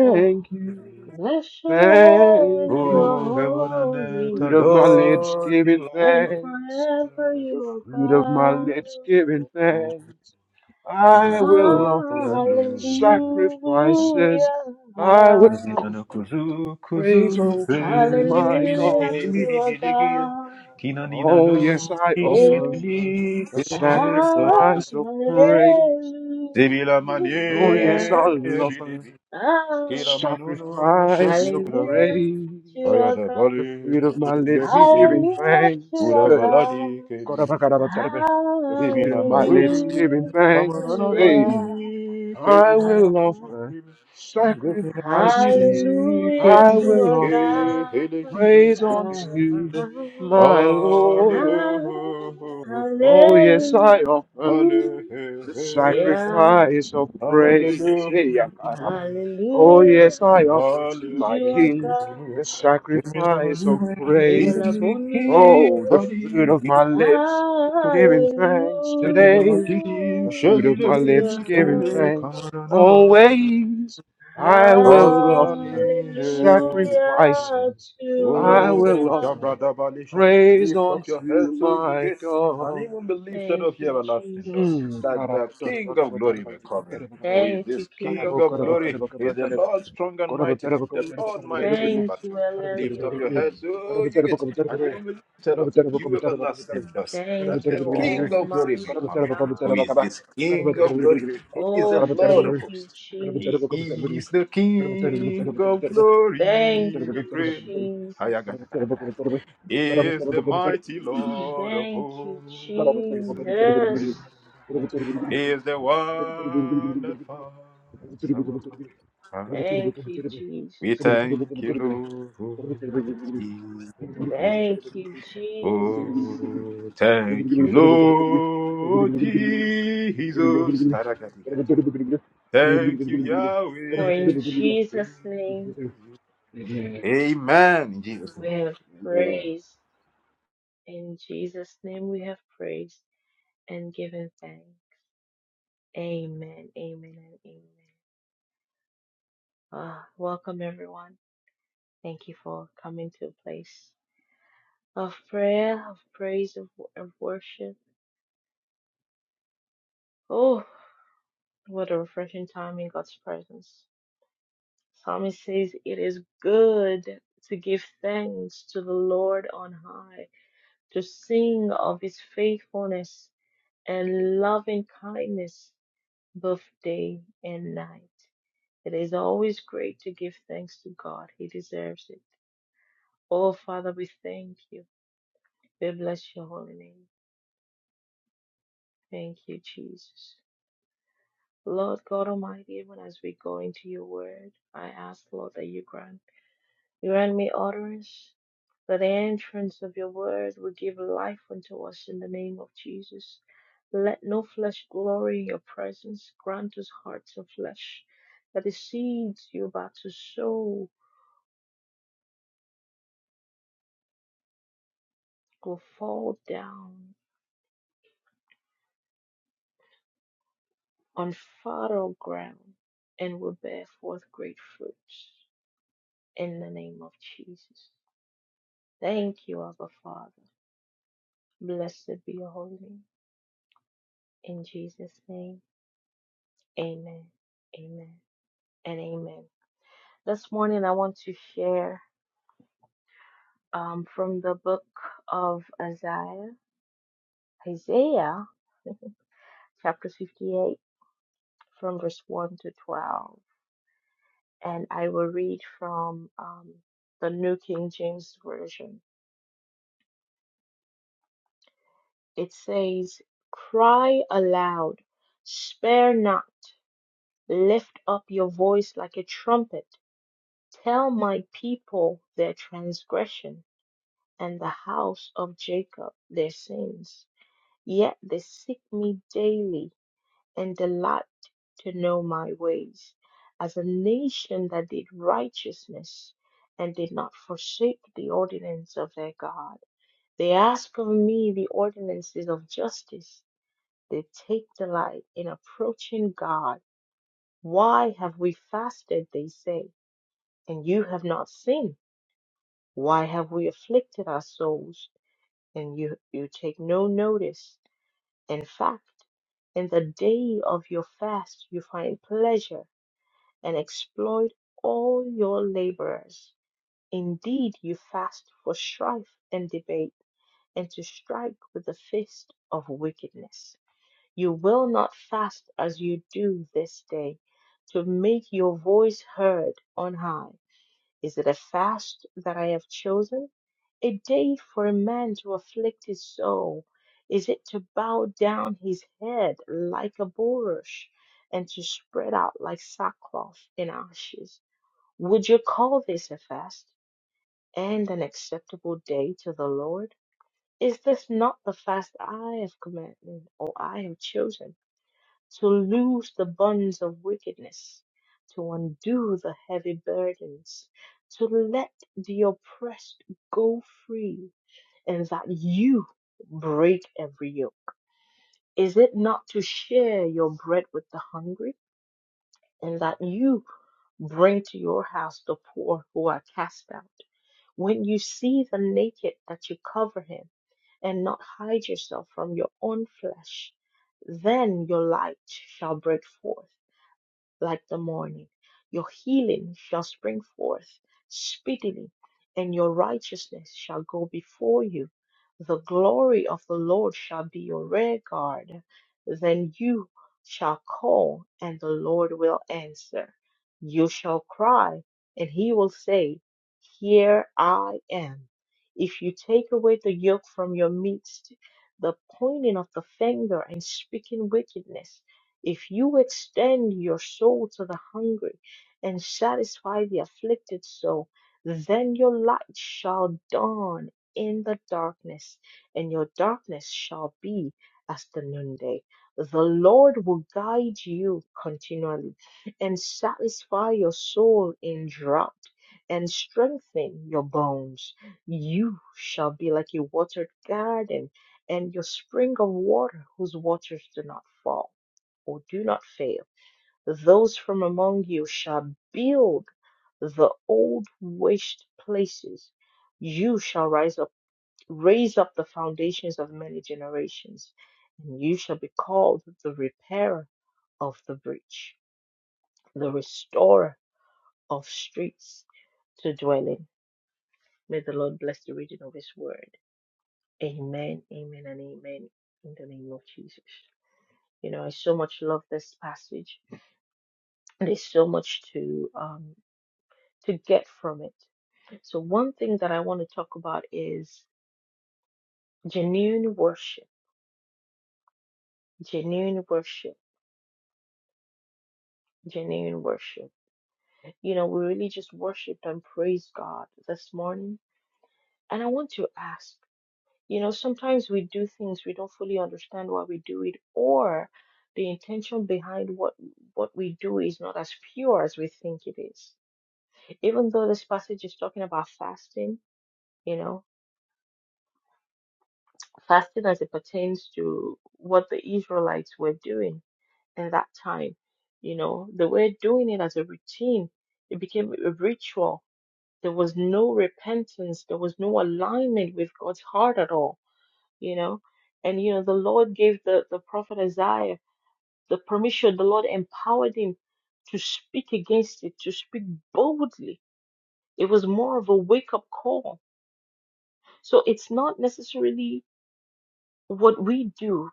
A: Oh,
C: you.
B: praise.
A: Blessed you, Lord,
C: Thank
A: you are
B: Oh,
C: you.
B: heaven and
C: The
B: earth
A: holy,
C: fruit of my lips
B: adore
C: giving
B: you.
A: and
C: thanks.
A: forever
B: Abba.
C: The
A: you are
C: fruit of my
A: God.
C: lips giving
B: Oh,
C: thanks.
B: we
C: I
B: give you
C: will
B: all
A: Hallelujah,
B: the
C: offer
B: glory.
C: sacrifices. I will
B: Mizina
C: offer
B: kuzu
C: praise
B: kuzu fe,
C: unto
B: mini
C: my
B: mini
A: hallelujah
B: mini
A: to
C: God.
B: mini
A: our
B: mini gie. kina
A: God.
B: nina
C: Oh, yes,
B: no
C: I
B: kine
C: offer
A: Yeah.
B: mi
C: a
B: fe. sana na
C: sacrifice of
A: Hallelujah,
B: tu.
C: praise.
B: Zebila
C: Oh, yes,
B: manie
C: I'll offer
B: bilibi
C: a
A: Ah,
B: kira manunu
C: sacrifice of
B: shebila mani
A: hallelujah to
C: praise.
A: our
B: ayada
A: God.
C: The
B: bali
C: fruit of my lips
B: nebide
C: giving
A: Hallelujah to
C: thanks.
A: our
B: ura
C: Hey.
B: baladi
A: God.
B: kebi
C: Korabakarabatarabel. The fruit
B: Zemina
C: of my lips
B: marudi,
C: giving
B: amana
C: thanks.
B: na
A: Hallelujah.
C: Hey.
B: mani, kedi
C: I
B: na na
C: will offer
B: mani, zemina kadiri,
C: sacrifices.
A: Hallelujah
C: I
A: to
B: kediri
C: will
A: our
C: offer
B: ke, hele
A: God.
B: kiri
C: praise
B: ke,
C: unto my Lord.
A: Hallelujah.
C: Oh, yes, I offer.
B: Hallelujah,
C: the sacrifice of
B: Hallelujah,
C: praise. Hey, Yakaraba.
B: Hallelujah,
C: Oh,
A: Hallelujah
C: yes, I offer to
A: to
C: my
A: our
C: King
A: God.
B: Hallelujah.
C: the
B: Zemina
C: sacrifice of
B: mani,
A: Ela
C: praise.
B: kedi kiri
A: bonidia.
C: Oh, the fruit
B: kadi,
C: of my lips,
B: kiri
C: giving thanks
B: Tekina
C: today.
B: matidi,
C: The fruit of
B: shagila
C: my lips, giving
B: mini,
C: thanks
A: Hallelujah.
B: kamana nama,
C: always. I will
B: kazana
A: Hallelujah
C: offer sacrifices.
A: to
C: I will
B: Oh,
A: our
C: offer
A: God.
B: Shabradabalisha,
C: praise
B: lift up your head
C: unto
B: so you
C: my
B: get, and
C: God.
B: it won't be lifted
A: Thank
B: up your
A: you,
B: everlasting dust,
A: Jesus.
B: that the King of glory will come in. Who is
A: Thank you,
B: this
A: King
B: King
A: of
B: of glory?
A: Glory.
B: He is the Lord strong and mighty, the Lord mighty in
A: Thank you,
B: battle.
A: El
B: Lift up your
A: Elyon.
B: head so you get, and it will be lifted up, you everlasting dust,
A: Thank
B: that the
A: you,
B: King of glory may
A: Almighty
B: come in.
A: God.
B: Who is this King of glory? He is the
A: Oh,
B: Lord
A: thank
B: of
A: you,
B: hosts. He
A: Jesus.
B: is the King of
A: Thank
B: glory, we
A: you,
B: pray.
A: Jesus.
B: Ayagadagadaga. He Is the mighty Lord of
A: Thank you,
B: hosts. We say,
A: Jesus.
B: Ayagadagadaga. He is the one that fights our battle.
A: Thank you,
B: We
A: Jesus.
B: thank you, Lord. for Jesus.
A: Thank you, Jesus.
B: Oh, thank you, Lord Jesus. Aragadagadaga. Thank you,
A: For
B: Yahweh.
A: in
B: We praise
A: Jesus' name
B: you. Amen. In Jesus. name.
A: we have
C: Amen.
A: praised. In Jesus' name we have praised and given thanks. Amen. Amen and amen. Ah, welcome everyone. Thank you for coming to a place of prayer, of praise, of, of worship. Oh, what a refreshing time in God's presence. Psalmist says it is good to give thanks to the Lord on high, to sing of his faithfulness and loving kindness both day and night. It is always great to give thanks to God. He deserves it. Oh, Father, we thank you. We bless your holy name. Thank you, Jesus. Lord God Almighty, even as we go into your word, I ask, Lord, that you grant Grant me utterance that the entrance of your word will give life unto us in the name of Jesus. Let no flesh glory in your presence. Grant us hearts of flesh, that the seeds you're about to sow will fall down on fertile ground and will bear forth great fruits in the name of Jesus. Thank you, Abba Father. Blessed be your holy name. In Jesus' name, amen, amen, and amen. This morning, I want to share um, from the book of Isaiah, Isaiah chapter 58, from verse 1 to 12. And I will read from um, the New King James Version. It says, Cry aloud, spare not, lift up your voice like a trumpet. Tell my people their transgression and the house of Jacob their sins Yet they seek me daily and delight to know my ways. As a nation that did righteousness and did not forsake the ordinance of their God, they ask of me the ordinances of justice. They take delight in approaching God. Why have we fasted, they say, and you have not seen. Why have we afflicted our souls, and you, you take no notice? In fact, in the day of your fast, you find pleasure and exploit all your laborers. Indeed, you fast for strife and debate, and to strike with the fist of wickedness. You will not fast as you do this day, to make your voice heard on high. Is it a fast that I have chosen? A day for a man to afflict his soul? Is it to bow down his head like a bulrush and to spread out like sackcloth in ashes? Would you call this a fast and an acceptable day to the Lord? Is this not the fast I have commanded or I have chosen? to loose the bonds of wickedness, to undo the heavy burdens, to let the oppressed go free, and that you break every yoke? Is it not to share your bread with the hungry, and that you bring to your house the poor who are cast out? When you see the naked, that you cover him, and not hide yourself from your own flesh, then your light shall break forth like the morning. Your healing shall spring forth speedily, and your righteousness shall go before you. The glory of the Lord shall be your rear guard. Then you shall call, and the Lord will answer. You shall cry, and he will say, Here I am. If you take away the yoke from your midst, the pointing of the finger and speaking wickedness, if you extend your soul to the hungry and satisfy the afflicted soul, then your light shall dawn in the darkness, and your darkness shall be as the noonday. The Lord will guide you continually and satisfy your soul in drought and strengthen your bones. You shall be like a watered garden and your spring of water whose waters do not fall or do not fail. Those from among you shall build the old waste places. You shall rise up, raise up the foundations of many generations, and you shall be called the repairer of the breach, the restorer of streets to dwell in. May the Lord bless the reading of His word. Amen, amen, and amen in the name of Jesus. You know, I so much love this passage. There's so much to um, to get from it. So, one thing that I want to talk about is genuine worship, genuine worship, genuine worship. You know, we really just worshiped and praised God this morning. And I want to ask, you know, sometimes we do things we don't fully understand why we do it, or the intention behind what what we do is not as pure as we think it is. Even though this passage is talking about fasting, you know, fasting as it pertains to what the Israelites were doing at that time. You know, they were doing it as a routine, it became a ritual. There was no repentance, there was no alignment with God's heart at all, you know. And, you know, the Lord gave the, the prophet Isaiah the permission, the Lord empowered him to speak against it, to speak boldly. It was more of a wake up call. So it's not necessarily what we do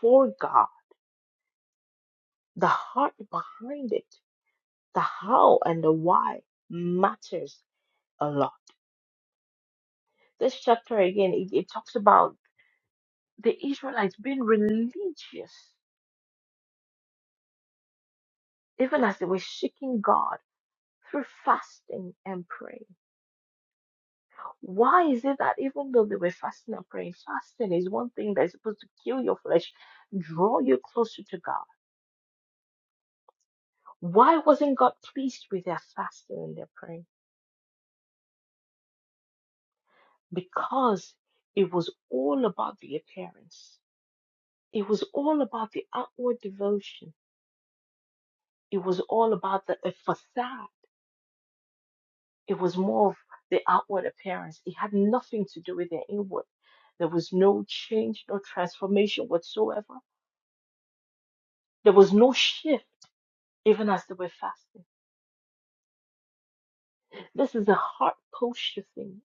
A: for God, the heart behind it the how and the why matters a lot. This chapter again, it, it talks about the Israelites being religious, even as they were seeking God through fasting and praying. Why is it that even though they were fasting and praying, fasting is one thing that's supposed to kill your flesh, draw you closer to God? Why wasn't God pleased with their fasting and their praying? Because it was all about the appearance. It was all about the outward devotion It was all about the a facade. It was more of the outward appearance. It had nothing to do with the inward. There was no change, no transformation whatsoever. There was no shift, even as they were fasting. This is a heart posture thing.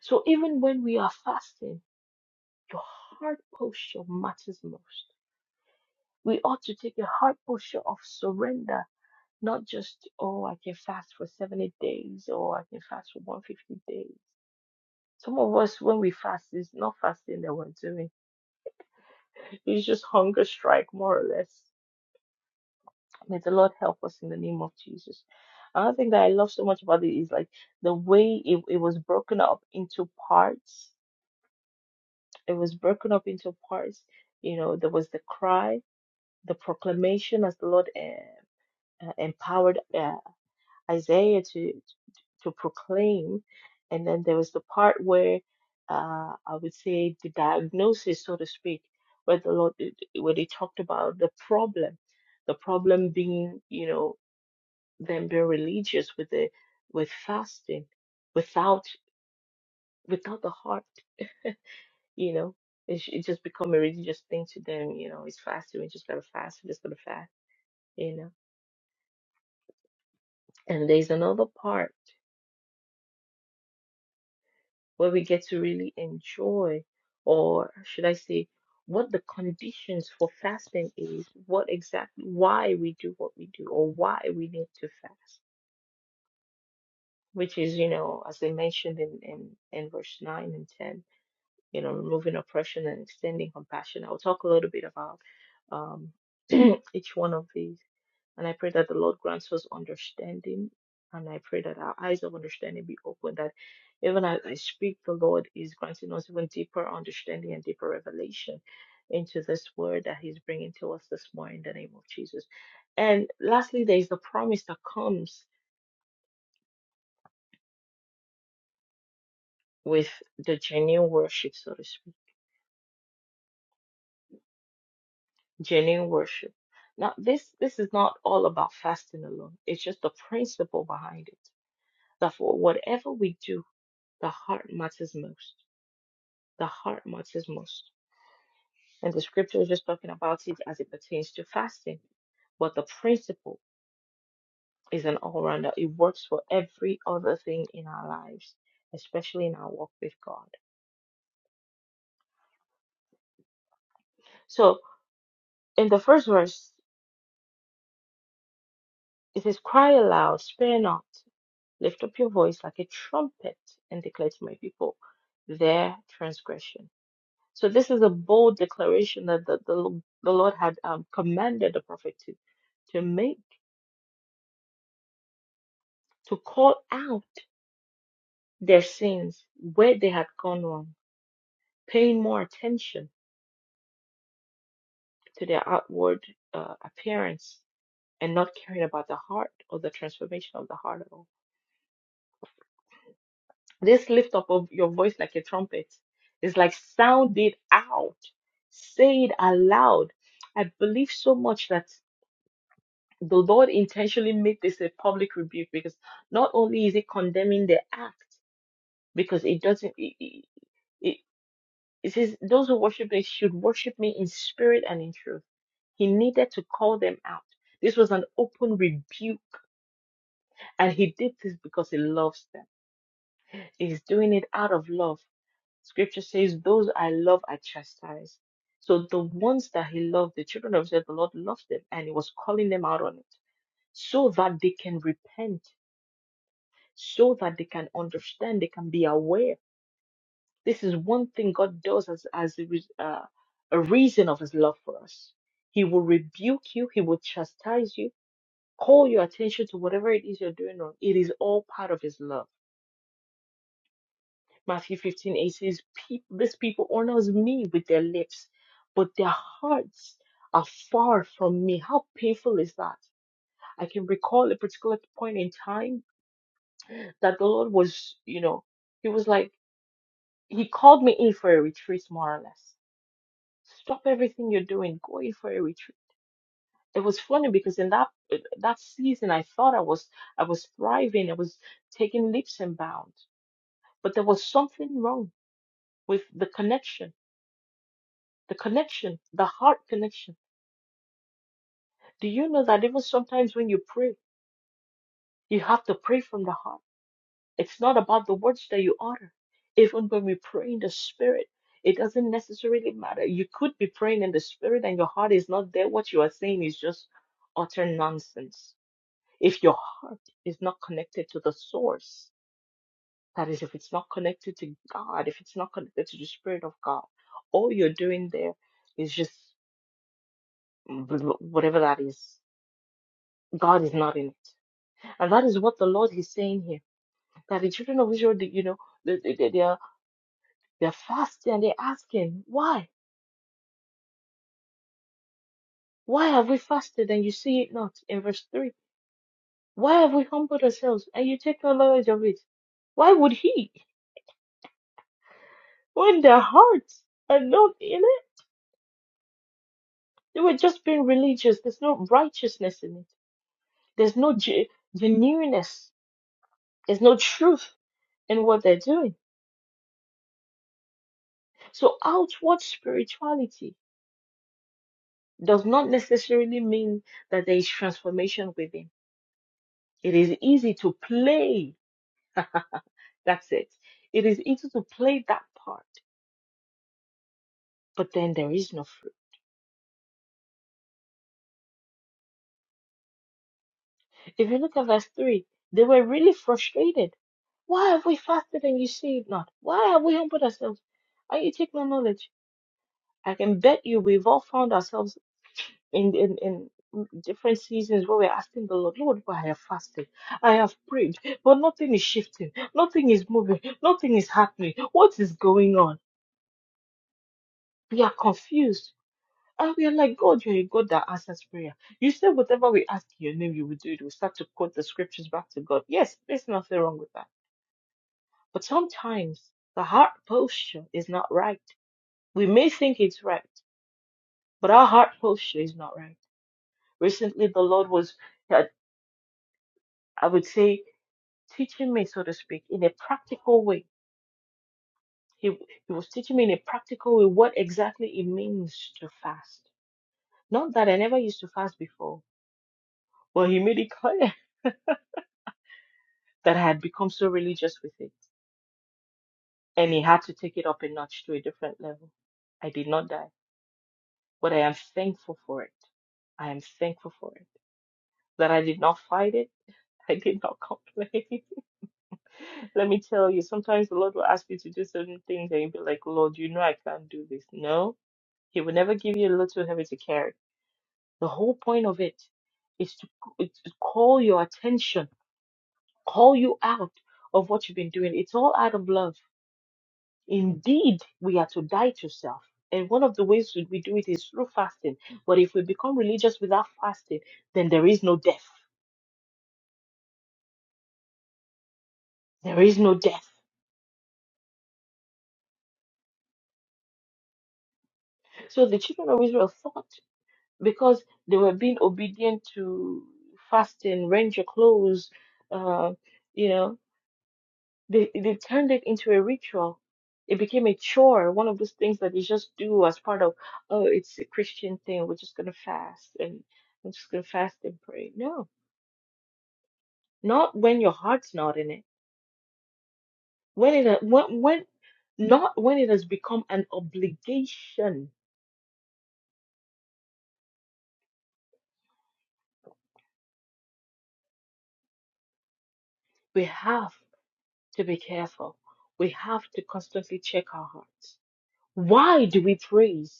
A: So even when we are fasting, your heart posture matters most. We ought to take a heart posture of surrender, not just, oh, I can fast for 70 days or I can fast for 150 days. Some of us, when we fast, it's not fasting that we're doing. It's just hunger strike, more or less. May the Lord help us in the name of Jesus. Another thing that I love so much about it is like the way it, it was broken up into parts. It was broken up into parts. You know, there was the cry, the proclamation as the Lord eh, uh, empowered uh, Isaiah to. to proclaim. And then there was the part where uh, I would say the diagnosis, so to speak, where the Lord, where they talked about the problem, the problem being, you know, them being religious with the with fasting, without without the heart, you know, it, sh- it just become a religious thing to them, you know, it's fasting, we just gotta fast, we just gotta fast, you know. And there's another part. where we get to really enjoy, or should I say, what the conditions for fasting is, what exactly why we do what we do, or why we need to fast, which is, you know, as I mentioned in, in, in verse 9 and 10, you know, removing oppression and extending compassion. I'll talk a little bit about um, each one of these. And I pray that the Lord grants us understanding. And I pray that our eyes of understanding be open, that even as I speak, the Lord is granting us even deeper understanding and deeper revelation into this word that He's bringing to us this morning in the name of Jesus. And lastly, there is the promise that comes with the genuine worship, so to speak, genuine worship. Now, this this is not all about fasting alone. It's just the principle behind it. That for whatever we do, the heart matters most The heart matters most. And the scripture is just talking about it as it pertains to fasting. But the principle is an all rounder, it works for every other thing in our lives, especially in our walk with God. So in the first verse, it says, Cry aloud, spare not, lift up your voice like a trumpet, and declare to my people their transgression. So this is a bold declaration that the, the, the Lord had um, commanded the prophet to, to make, to call out their sins, where they had gone wrong, paying more attention to their outward uh, appearance and not caring about the heart or the transformation of the heart at all. This lift up of your voice like a trumpet is like sound it out, say it aloud. I believe so much that the Lord intentionally made this a public rebuke because not only is it condemning the act, because it doesn't. it. it, It says, Those who worship me should worship me in spirit and in truth. He needed to call them out. This was an open rebuke, and he did this because he loves them. He's doing it out of love. Scripture says, Those I love, I chastise. So the ones that he loved, the children of Israel, the Lord loved them, and he was calling them out on it so that they can repent, so that they can understand, they can be aware This is one thing God does as, as a, re- uh, a reason of his love for us. He will rebuke you, he will chastise you, call your attention to whatever it is you're doing wrong. It is all part of his love. Matthew 15:8 says, "Peop- This people honors me with their lips, but their hearts are far from me. How painful is that? I can recall a particular point in time that the Lord was, you know, he was like, he called me in for a retreat, more or less. Stop everything you're doing. Go in for a retreat. It was funny because in that that season, I thought I was I was thriving. I was taking leaps and bounds, but there was something wrong with the connection, the connection, the heart connection. Do you know that even sometimes when you pray, you have to pray from the heart. It's not about the words that you utter. Even when we pray in the spirit, it doesn't necessarily matter. You could be praying in the spirit and your heart is not there. What you are saying is just utter nonsense If your heart is not connected to the source, that is, if it's not connected to God, if it's not connected to the Spirit of God, all you're doing there is just whatever that is. God is not in it. And that is what the Lord is saying here. That the children of Israel, they- you know, they, they, they- they are, they are fasting and they're asking, why? Why have we fasted and you see it not? In verse 3. Why have we humbled ourselves and you take no knowledge of it? Why would he, when their hearts are not in it? They were just being religious. There's no righteousness in it. There's no ge- genuineness. There's no truth in what they're doing. So outward spirituality does not necessarily mean that there is transformation within. It is easy to play. That's it. It is easy to play that part, but then there is no fruit. If you look at verse 3, they were really frustrated. Why have we fasted and you see it not? Why have we humbled ourselves? And you take no knowledge. I can bet you we've all found ourselves in, in, in different seasons where we're asking the Lord, Lord, why I have fasted. I have prayed, but nothing is shifting. Nothing is moving. Nothing is happening. What is going on? We are confused. And we are like, God, you're a God that answers prayer. You said whatever we ask in your name, you will do it. We start to quote the scriptures back to God. Yes, there's nothing wrong with that. But sometimes the heart posture is not right. We may think it's right, but our heart posture is not right Recently, the Lord was, had- I would say, teaching me, so to speak, in a practical way. He, he was teaching me in a practical way what exactly it means to fast. Not that I never used to fast before, but He made it clear that I had become so religious with it. And He had to take it up a notch to a different level. I did not die, but I am thankful for it. I am thankful for it. That I did not fight it, I did not complain. Let me tell you, sometimes the Lord will ask you to do certain things and you'll be like, Lord, you know I can't do this. No, He will never give you a little heavy to carry. The whole point of it is to c- is to call your attention, call you out of what you've been doing. It's all out of love. Indeed, we are to die to self. And one of the ways we we do it is through fasting. But if we become religious without fasting, then there is no death. There is no death. So the children of Israel thought because they were being obedient to fasting, rent your clothes, uh, you know, they, they turned it into a ritual. It became a chore, one of those things that you just do as part of, oh, it's a Christian thing. We're just going to fast and we're just going to fast and pray. No, not when your heart's not in it. When it, when, when, not when it has become an obligation. We have to be careful. We have to constantly check our hearts Why do we praise?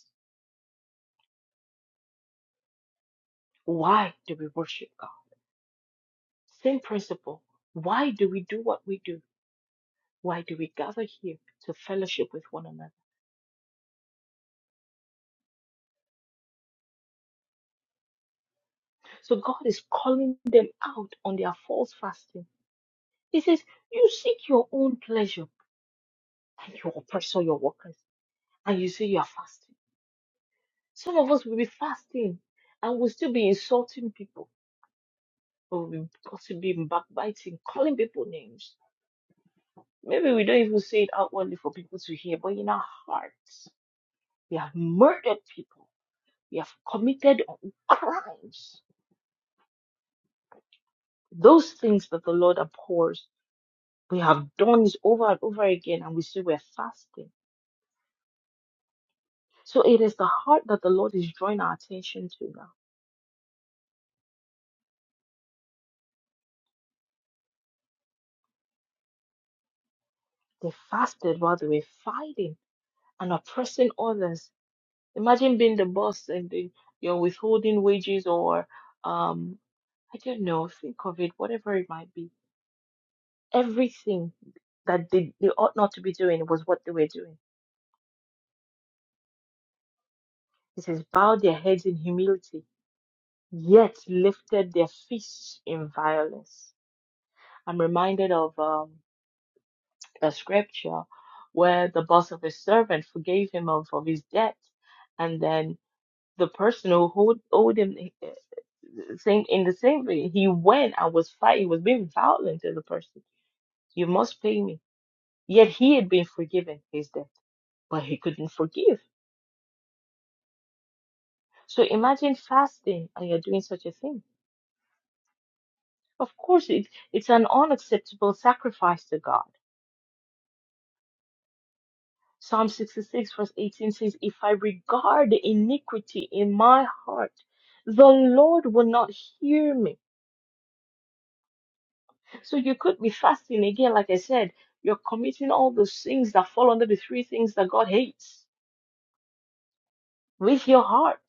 A: Why do we worship God? Same principle. Why do we do what we do? Why do we gather here to fellowship with one another? So God is calling them out on their false fasting. He says, You seek your own pleasure and you oppress all your workers, and you say you are fasting. Some of us will be fasting and we'll still be insulting people, or we'll be gossiping, backbiting, calling people names. Maybe we don't even say it outwardly for people to hear, but in our hearts We have murdered people. We have committed crimes. Those things that the Lord abhors, we have done it over and over again, and we say we're fasting. So it is the heart that the Lord is drawing our attention to now. They fasted while they were fighting and oppressing others. Imagine being the boss and the, you're withholding wages or, um, I don't know, think of it, whatever it might be. Everything that they, they ought not to be doing was what they were doing It says, bowed their heads in humility, yet lifted their fists in violence. I'm reminded of um, a scripture where the boss of a servant forgave him of, of his debt, and then the person who owed, owed him uh, same in the same way, he went and was fighting, was being violent to the person. You must pay me. Yet he had been forgiven his debt, but he couldn't forgive. So imagine fasting and you're doing such a thing Of course, it, it's an unacceptable sacrifice to God. Psalm 66, verse 18 says, If I regard iniquity in my heart, the Lord will not hear me. So you could be fasting again, like I said, you're committing all those things that fall under the three things that God hates with your heart.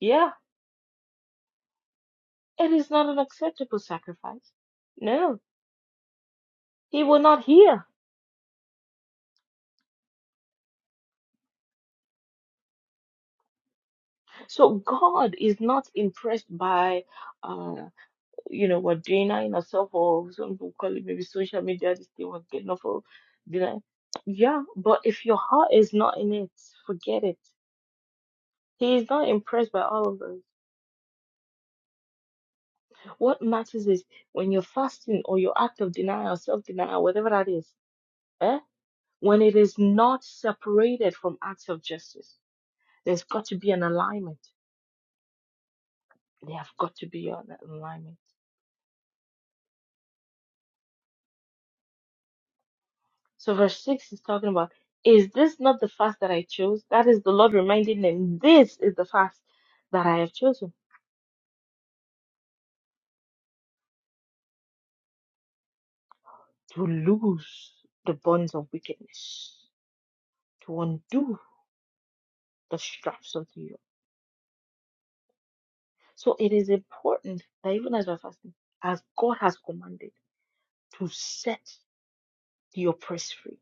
A: Yeah, it is not an acceptable sacrifice. No, He will not hear. So God is not impressed by. uh, you know, were denying herself or some people call it maybe social media, this thing was getting off of denying. Yeah, but if your heart is not in it, forget it. He is not impressed by all of us. What matters is when you're fasting or your act of denial, self denial, whatever that is, eh? when it is not separated from acts of justice, there's got to be an alignment. They have got to be an alignment So verse 6 is talking about, is this not the fast that I chose? That is the Lord reminding them, this is the fast that I have chosen to loose the bonds of wickedness, to undo the straps of the yoke. So it is important that even as we're fasting, as God has commanded, to set the oppressed free,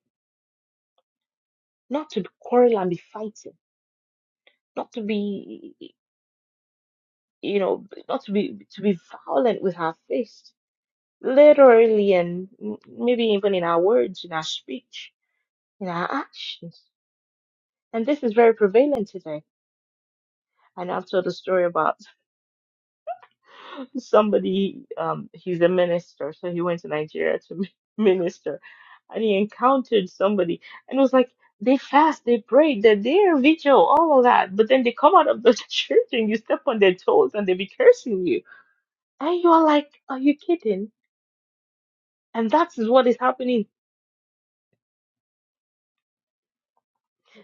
A: not to quarrel and be fighting, not to be, you know, not to be to be violent with our faith, literally and m- maybe even in our words, in our speech, in our actions. And this is very prevalent today. And I've told a story about somebody, um, he's a minister, so he went to Nigeria to mi- minister and he encountered somebody and it was like, they fast, they pray, they're there, vigil, all of that. But then they come out of the church and you step on their toes and they be cursing you. And you're like, are you kidding? And that is what is happening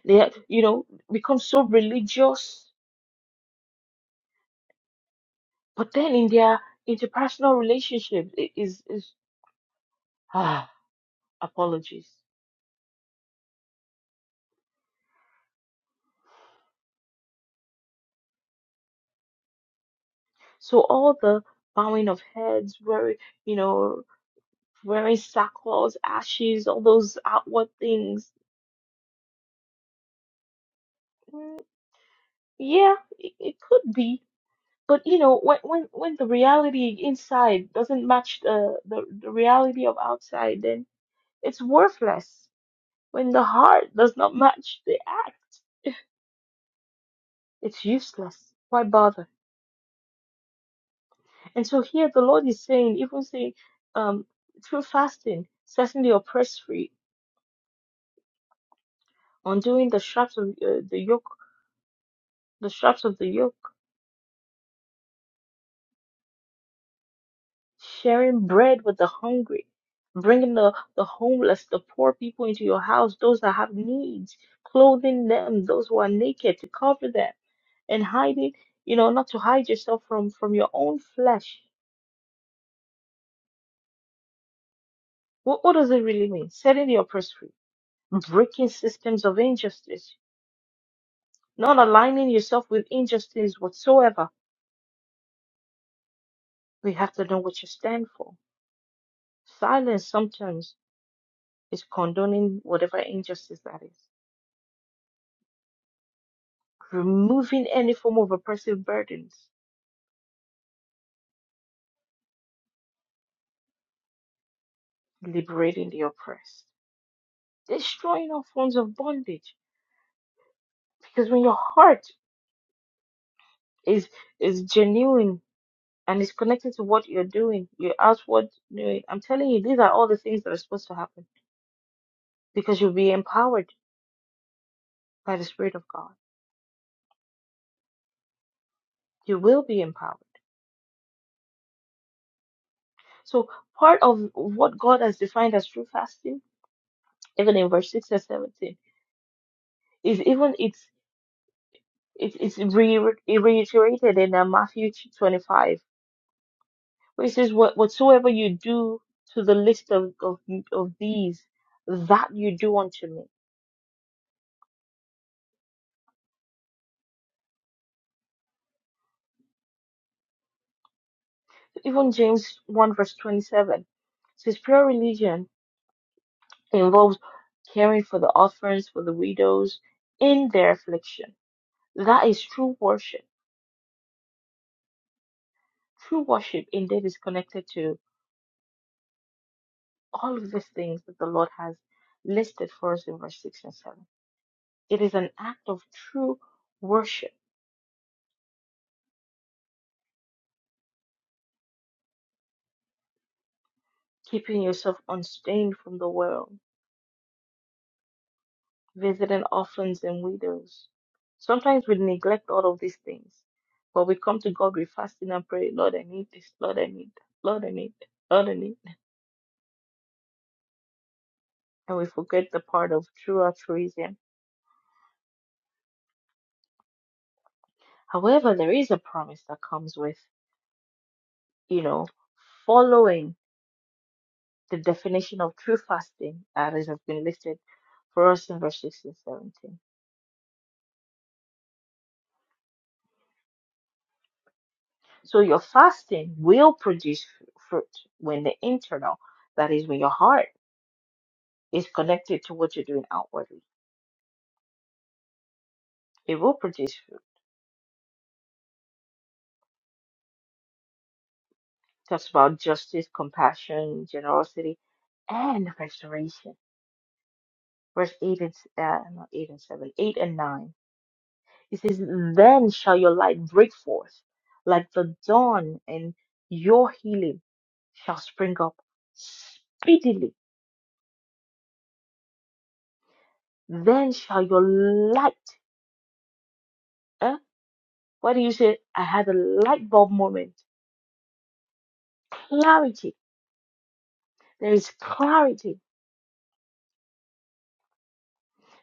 A: They, are- you know, become so religious, but then in their interpersonal relationship it is is ah apologies. So all the bowing of heads, wearing, you know, wearing sackcloth, ashes, all those outward things. mm, Yeah, it, it could be, but you know, when when when the reality inside doesn't match the the, the reality of outside, then it's worthless. When the heart does not match the act It's useless. Why bother? And so here the Lord is saying, even saying, um, through fasting, setting the oppressed free, undoing the straps of uh, the yoke, the straps of the yoke, sharing bread with the hungry, bringing the, the homeless, the poor people into your house, those that have needs, clothing them, those who are naked, to cover them, and hiding, you know, not to hide yourself from from your own flesh. What what does it really mean? Setting the oppressed free, breaking systems of injustice not aligning yourself with injustice whatsoever, We have to know what you stand for. Silence sometimes is condoning whatever injustice that is, removing any form of oppressive burdens, liberating the oppressed, destroying all forms of bondage. Because when your heart is is genuine and is connected to what you're doing, your outward doing, I'm telling you, these are all the things that are supposed to happen. Because you'll be empowered by the Spirit of God. You will be empowered So part of what God has defined as true fasting, even in verse 6 and 17, is even it's it's, it's re- reiterated in uh, Matthew 25, which says, "What whatsoever you do to the least of, of of these, that you do unto me." Even James 1 verse 27 says, "Pure religion involves caring for the orphans, for the widows in their affliction." That is true worship. True worship indeed is connected all of these things that the Lord has listed for us in verse 6 and 7. It is an act of true worship, keeping yourself unstained from the world, visiting orphans and widows. Sometimes we neglect all of these things, but we come to God with fasting and pray, Lord, I need this, Lord, I need that, Lord, I need that, Lord, I need that. And we forget the part of true altruism. However, there is a promise that comes with, you know, following the definition of true fasting uh, that is- has been listed for us in verse 16 and 17. So your fasting will produce fr- fruit when the internal, that is, when your heart is connected to what you're doing outwardly, it will produce fruit. Talks about justice, compassion, generosity, and restoration. Verse 8 and, s- uh, not 8 and 7, 8 and 9. He says, Then shall your light break forth like the dawn, and your healing shall spring up speedily. Then shall your light, eh? what do you say? I had a light bulb moment. Clarity. There is clarity.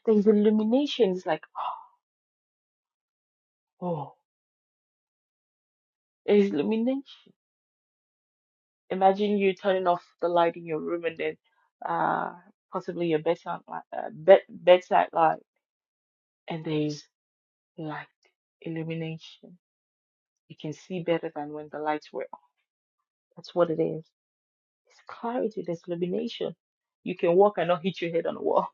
A: There is illumination. It's like, oh, there is illumination. Imagine you turning off the light in your room and then uh, possibly your bedside, li- uh, bed, bedside light, and there is light, illumination. You can see better than when the lights were on. That's what it is. It's clarity, there's illumination. You can walk and not hit your head on the wall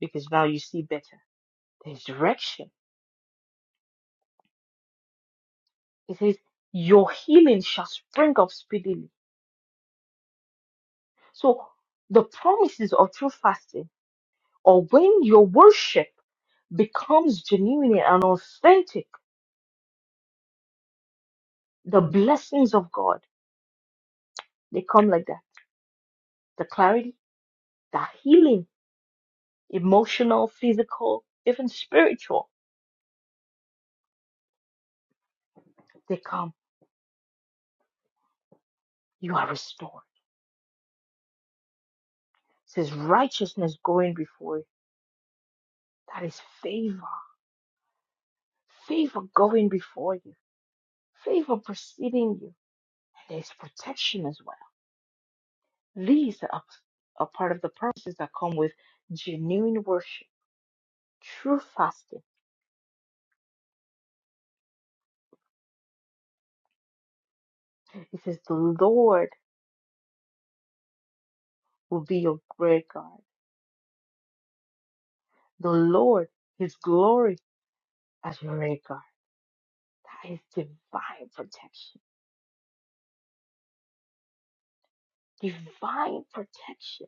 A: because now you see better. There's direction. It says, Your healing shall spring up speedily. So the promises of true fasting or when your worship becomes genuine and authentic, the blessings of God, they come like that. The clarity, the healing, emotional, physical, even spiritual, they come. You are restored. says righteousness going before you. That is favor. Favor going before you. Favor preceding you. And there's protection as well. These are, are part of the promises that come with genuine worship, true fasting. It says the Lord will be your great guard. The Lord, his glory as your great guard. That is divine protection. Divine protection.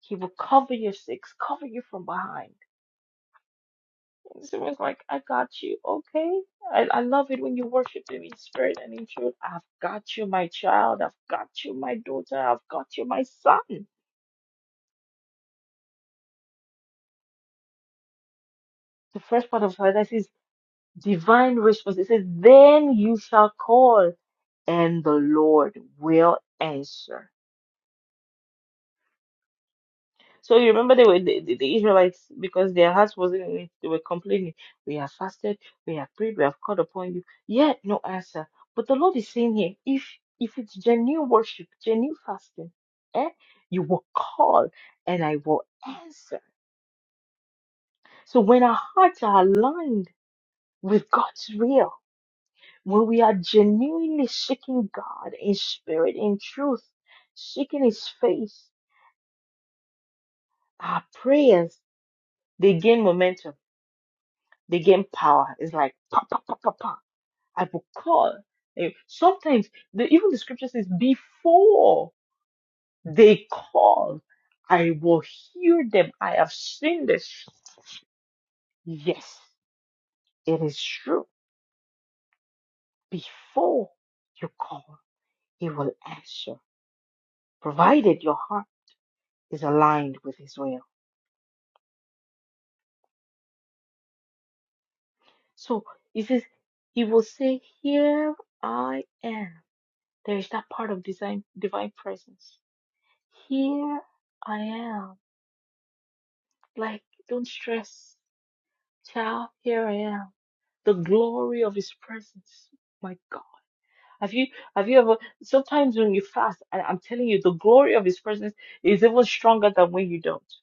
A: He will cover your six, cover you from behind Consumer's like, I got you. Okay. I, I love it when you worship him in spirit and in truth. I've got you, my child. I've got you, my daughter. I've got you, my son. The first part of paradise is divine response. It says, Then you shall call, and the Lord will answer. So you remember they were the, the, the Israelites because their hearts wasn't in it. They were complaining. We have fasted, we have prayed, we have called upon you. Yet no answer. But the Lord is saying here, if if it's genuine worship, genuine fasting, eh, you will call and I will answer. So when our hearts are aligned with God's will, when we are genuinely seeking God in spirit, in truth, seeking His face, our prayers they gain momentum They gain power. It's like pa pa pa pa pa. I will call. Eh, Sometimes the, even the scripture says, before they call, I will hear them. I have seen this. Yes, it is true. Before you call, he will answer, provided your heart is aligned with his will. So he says, he will say, Here I am. There is that part of design, divine presence. Here I am. Like, don't stress, child. Here I am. The glory of His presence. My God. Have you have you ever? Sometimes when you fast, I, I'm telling you, the glory of His presence is even stronger than when you don't.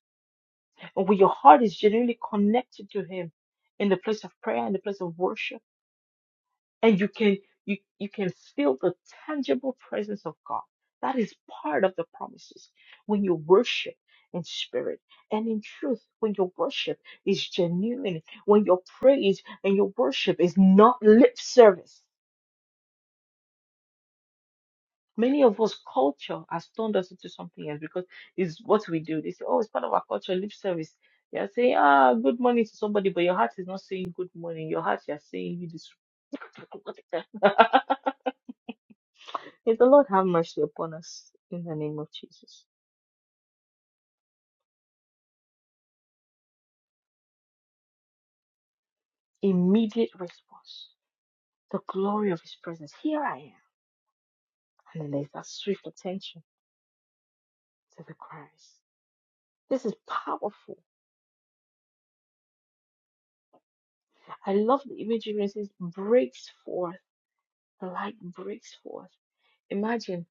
A: And when your heart is genuinely connected to Him, in the place of prayer, in the place of worship. and you can you you can feel the tangible presence of God. That is part of the promises. When you worship in spirit and in truth, when your worship is genuine, when your praise and your worship is not lip service. Many of us culture has turned us into something else because it's what we do. They say, Oh, it's part of our culture, lip service. You're saying, ah, good morning to somebody, but your heart is not saying good morning. Your heart, you're saying you just May the Lord have mercy upon us in the name of Jesus. Immediate response, the glory of His presence. Here I am. And then there's that swift attention to the cries. This is powerful. I love the imagery. It says, breaks forth, the light breaks forth. Imagine,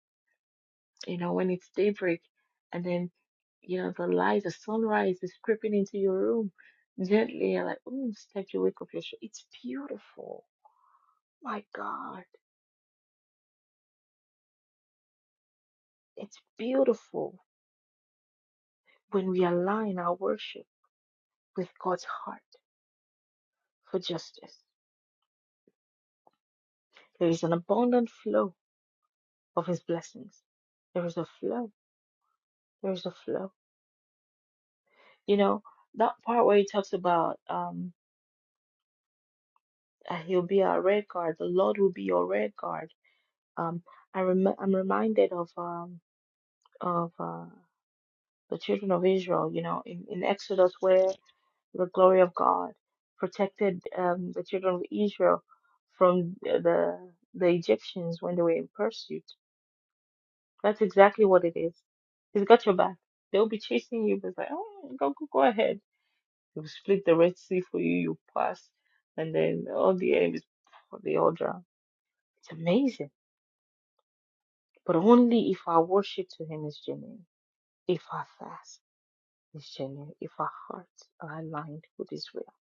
A: you know, when it's daybreak and then, you know, the light, the sunrise is creeping into your room gently. You're like, oh, it's time to wake up your show. It's beautiful. My God, it's beautiful when we align our worship with God's heart for justice. There is an abundant flow of His blessings. There is a flow. There is a flow. You know, that part where He talks about um, uh, He'll be our red guard, the Lord will be your red guard. Um, I rem- I'm reminded of um, of uh, the children of Israel, you know, in, in Exodus, where the glory of God protected um, the children of Israel from uh, the the Egyptians when they were in pursuit That's exactly what it is. He's got your back. They'll be chasing you, but it's like, oh, go, go, go ahead. He'll split the Red Sea for you, you pass, and then all the enemies, oh, they all drown. It's amazing. But only if our worship to Him is genuine, if our fast is genuine, if our hearts are aligned with His will.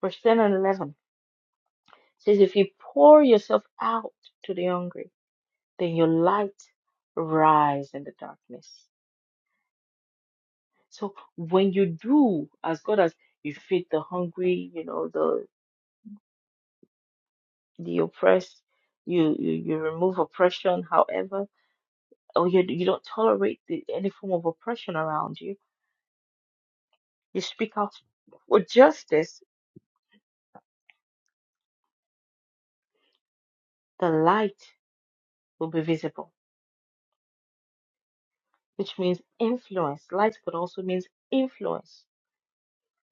A: Verse 10 and 11 says, If you pour yourself out to the hungry, then your light rise in the darkness. So when you do, as God has, you feed the hungry, you know, the the oppressed, you you, you remove oppression, however, or you you don't tolerate the, any form of oppression around you, you speak out for justice, the light will be visible, which means influence. Light could also means influence.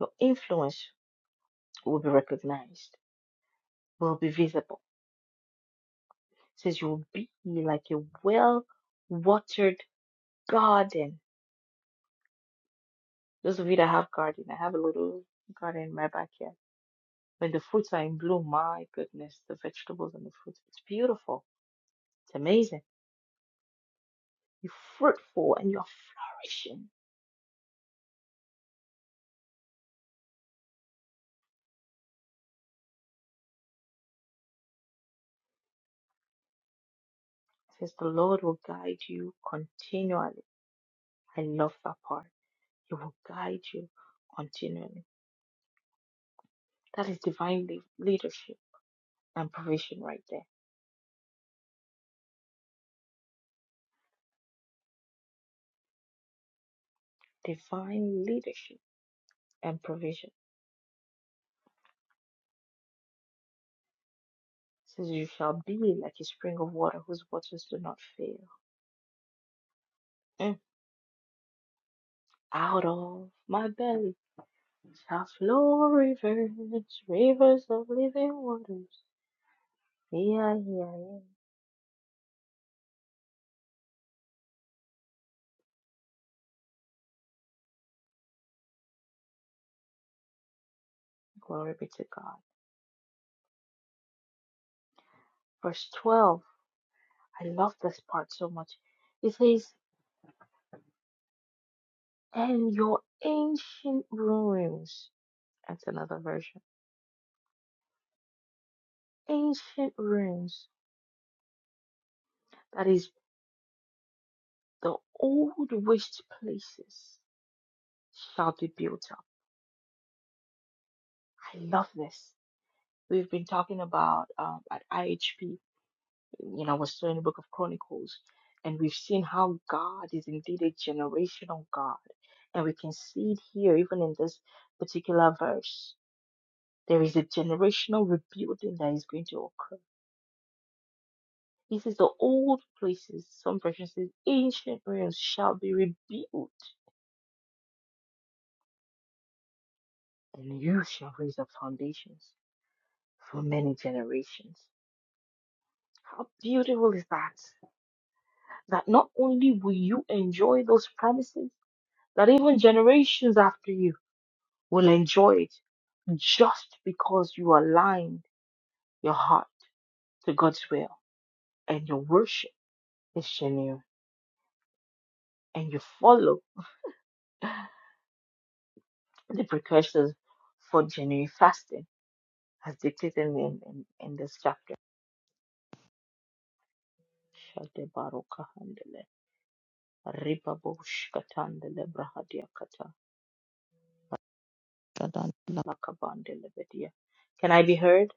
A: Your influence will be recognized, will be visible. It says you will be like a well watered garden Those of you that have garden, I have a little garden in my backyard. When the fruits are in bloom, my goodness, the vegetables and the fruits, it's beautiful. It's amazing. You're fruitful and you're flourishing. It says the Lord will guide you continually. I love that part. He will guide you continually. That is divine lea- leadership and provision right there. Divine leadership and provision. It says you shall be like a spring of water whose waters do not fail. Mm out of my belly Shall flow rivers, rivers of living waters. Yeah, yeah, yeah. Glory be to God. Verse 12. I love this part so much. It says, And your ancient ruins. That's another version. Ancient ruins. That is, the old wished places shall be built up. I love this. We've been talking about um, at IHP. you know, we're still in the book of Chronicles, and we've seen how God is indeed a generational God. And we can see it here, even in this particular verse. There is a generational rebuilding that is going to occur. He says the old places, some versions says ancient ruins shall be rebuilt, and you shall raise up foundations for many generations. How beautiful is that? That not only will you enjoy those promises, that even generations after you will enjoy it just because you aligned your heart to God's will and your worship is genuine and you follow the precursors for genuine fasting as dictated in, in, in this chapter. Shade baroka handele, riba bosh brahadia kata, Shadandala lakabandele bedia. Can I be heard?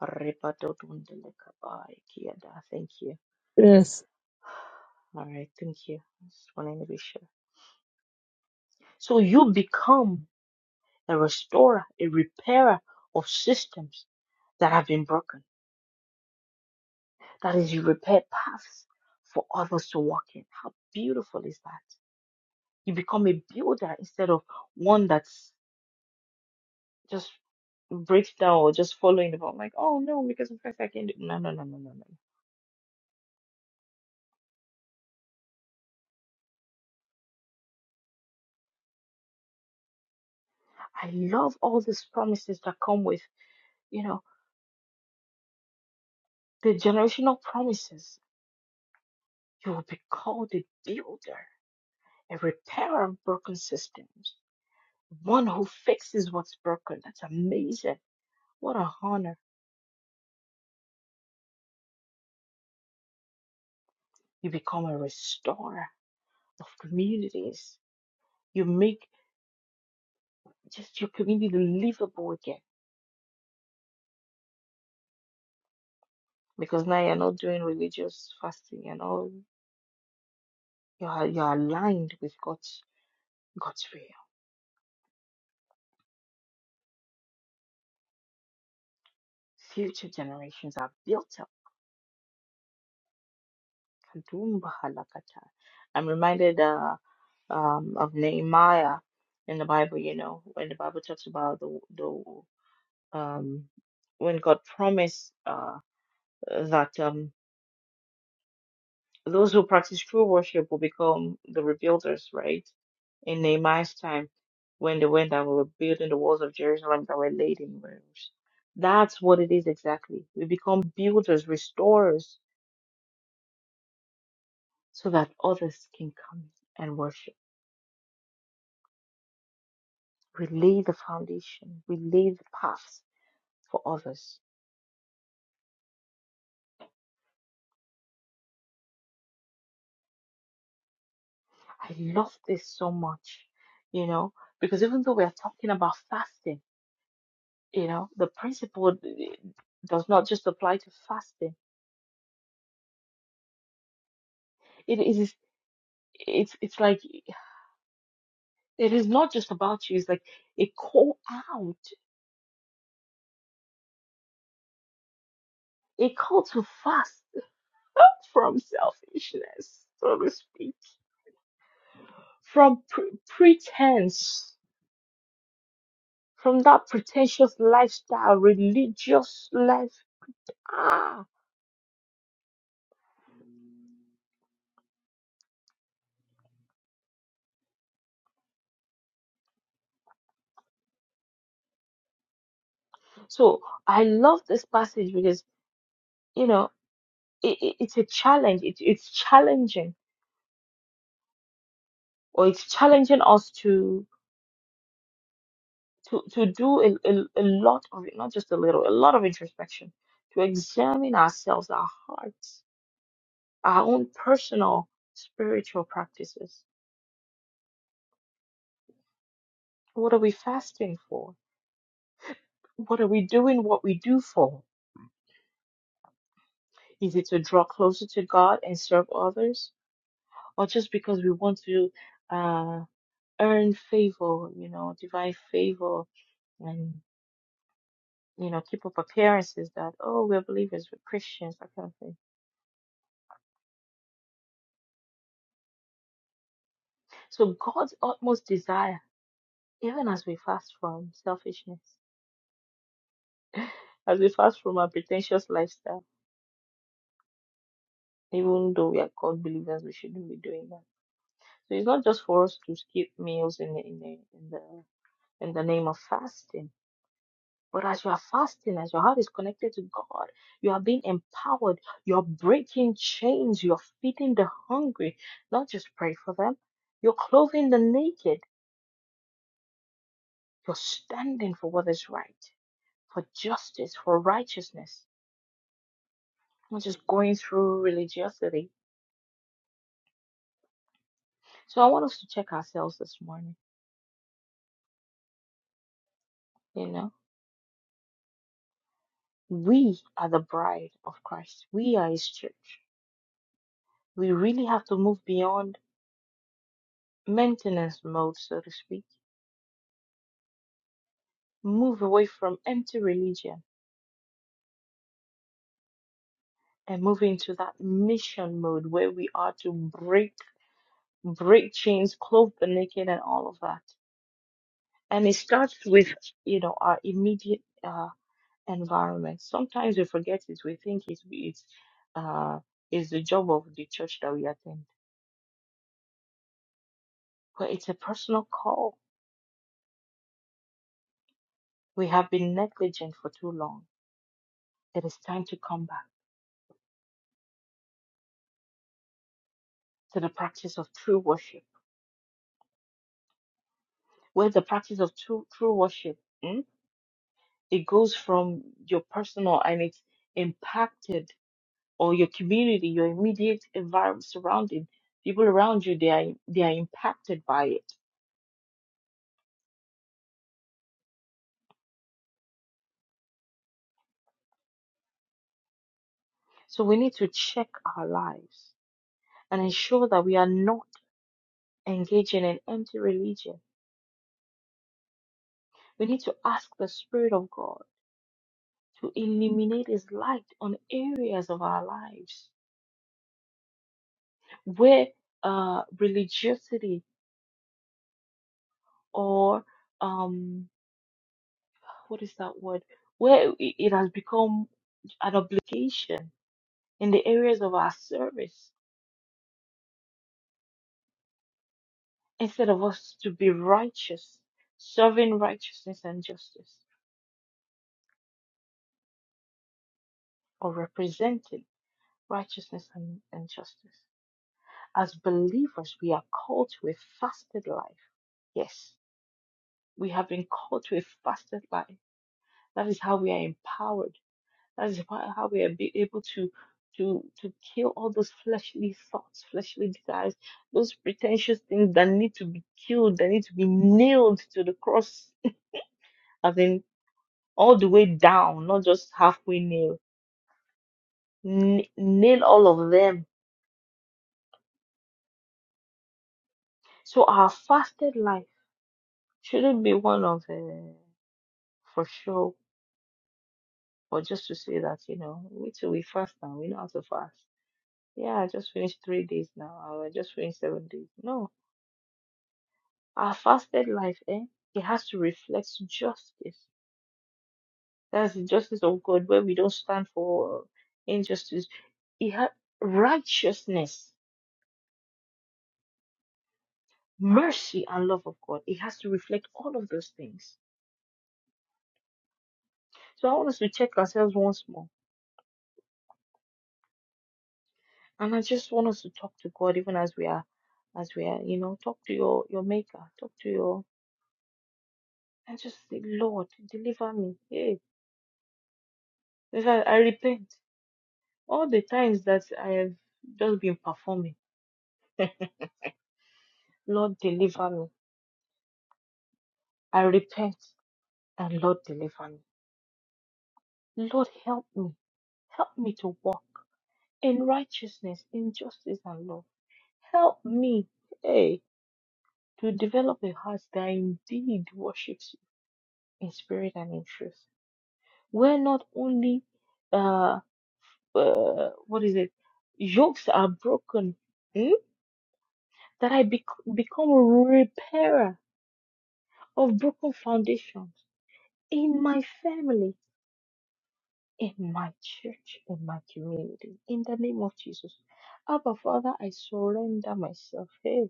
A: Riba dodundele kabai kiada. Thank you.
D: Yes.
A: All right, thank you. Just wanting to be sure. So you become a restorer, a repairer of systems that have been broken. That is, you repair paths for others to walk in. How beautiful is that? You become a builder instead of one that's just breaks down or just following the ball. Like, oh no, because in fact I can do. No, no, no, no, no, no. I love all these promises that come with, you know, the generational promises. You will be called a builder, a repairer of broken systems. one who fixes what's broken. That's amazing. What a honor. You become a restorer of communities. You make just your community livable again because now you're not doing religious fasting and all. You are, you're aligned with God's, God's will. Future generations are built up. Kadumba halakata. I'm reminded uh, um, of Nehemiah in the Bible, you know, when the Bible talks about the, the um, when God promised uh, that um, those who practice true worship will become the rebuilders, right? In Nehemiah's time, when they went and were building the walls of Jerusalem that were laid in ruins. That's what it is exactly. We become builders, restorers, so that others can come and worship. We lay the foundation, we lay the path for others. I love this so much, you know, because even though we are talking about fasting, You know, the principle d- does not just apply to fasting. It is it's it's like it is not just about you. It's like a call out, a call to fast from selfishness, so to speak, from pre- pretense, from that pretentious lifestyle, religious life. Ah, so I love this passage because you know it, it, it's a challenge. It, it's challenging, or it's challenging us to. to, to do a, a, a lot of it, not just a little, a lot of introspection, to examine ourselves, our hearts, our own personal spiritual practices. What are we fasting for? What are we doing what we do for? Is it to draw closer to God and serve others? Or just because we want to uh, earn favor, you know, divine favor and, you know, keep up appearances that, oh, we're believers, we're Christians, that kind of thing. So God's utmost desire even as we fast from selfishness, as we fast from our pretentious lifestyle, even though we are called believers, we shouldn't be doing that. So it's not just for us to skip meals in the, in the, in the, in the name of fasting. But as you are fasting, as your heart is connected to God, you are being empowered. You're breaking chains. You're feeding the hungry. Not just pray for them. You're clothing the naked. You're standing for what is right, for justice, for righteousness not just going through religiosity So I want us to check ourselves this morning. You know, we are the bride of Christ, we are His church. We really have to move beyond maintenance mode, so to speak, move away from empty religion and move into that mission mode where we are to break break chains, clothe the naked, and all of that. And it starts with you know our immediate uh, environment. Sometimes we forget it. We think it's it's uh, it's the job of the church that we attend but it's a personal call. We have been negligent for too long. It is time to come back to the practice of true worship. Where the practice of true, true worship, mm, it goes from your personal and it's impacted or your community, your immediate environment surrounding people around you, they are, they are impacted by it. So we need to check our lives and ensure that we are not engaging in empty religion. We need to ask the Spirit of God to illuminate His light on areas of our lives where uh, religiosity or um, what is that word? Where it it has become an obligation in the areas of our service instead of us to be righteous, serving righteousness and justice, or representing righteousness and, and justice. As believers, we are called to a fasted life. Yes, we have been called to a fasted life That is how we are empowered. That is wha- how we are be able to to to kill all those fleshly thoughts, fleshly desires, those pretentious things that need to be killed, that need to be nailed to the cross, as in all the way down, not just halfway nail. N- nail all of them. So our fasted life shouldn't be one of uh, for show or just to say that you know we too we fast now we know how to fast. Yeah, I just finished three days now. I just finished seven days. No, Our fasted life, eh, it has to reflect justice. That's the justice of God where we don't stand for injustice. It ha- righteousness, mercy, and love of God. It has to reflect all of those things. So I want us to check ourselves once more. And I just want us to talk to God even as we are as we are, you know, talk to your, your maker, talk to your and just say, Lord, deliver me. Hey, I I repent. All the times that I have just been performing. Lord, deliver me. I repent and Lord deliver me. Lord help me. Help me to walk in righteousness, in justice and love. Help me, hey, to develop a heart that indeed worships you in spirit and in truth. Where not only, uh, what is it, yokes are broken, hmm? that I bec- become a repairer of broken foundations in my family in my church, in my community, in the name of Jesus. Abba, Father, I surrender myself. Hey,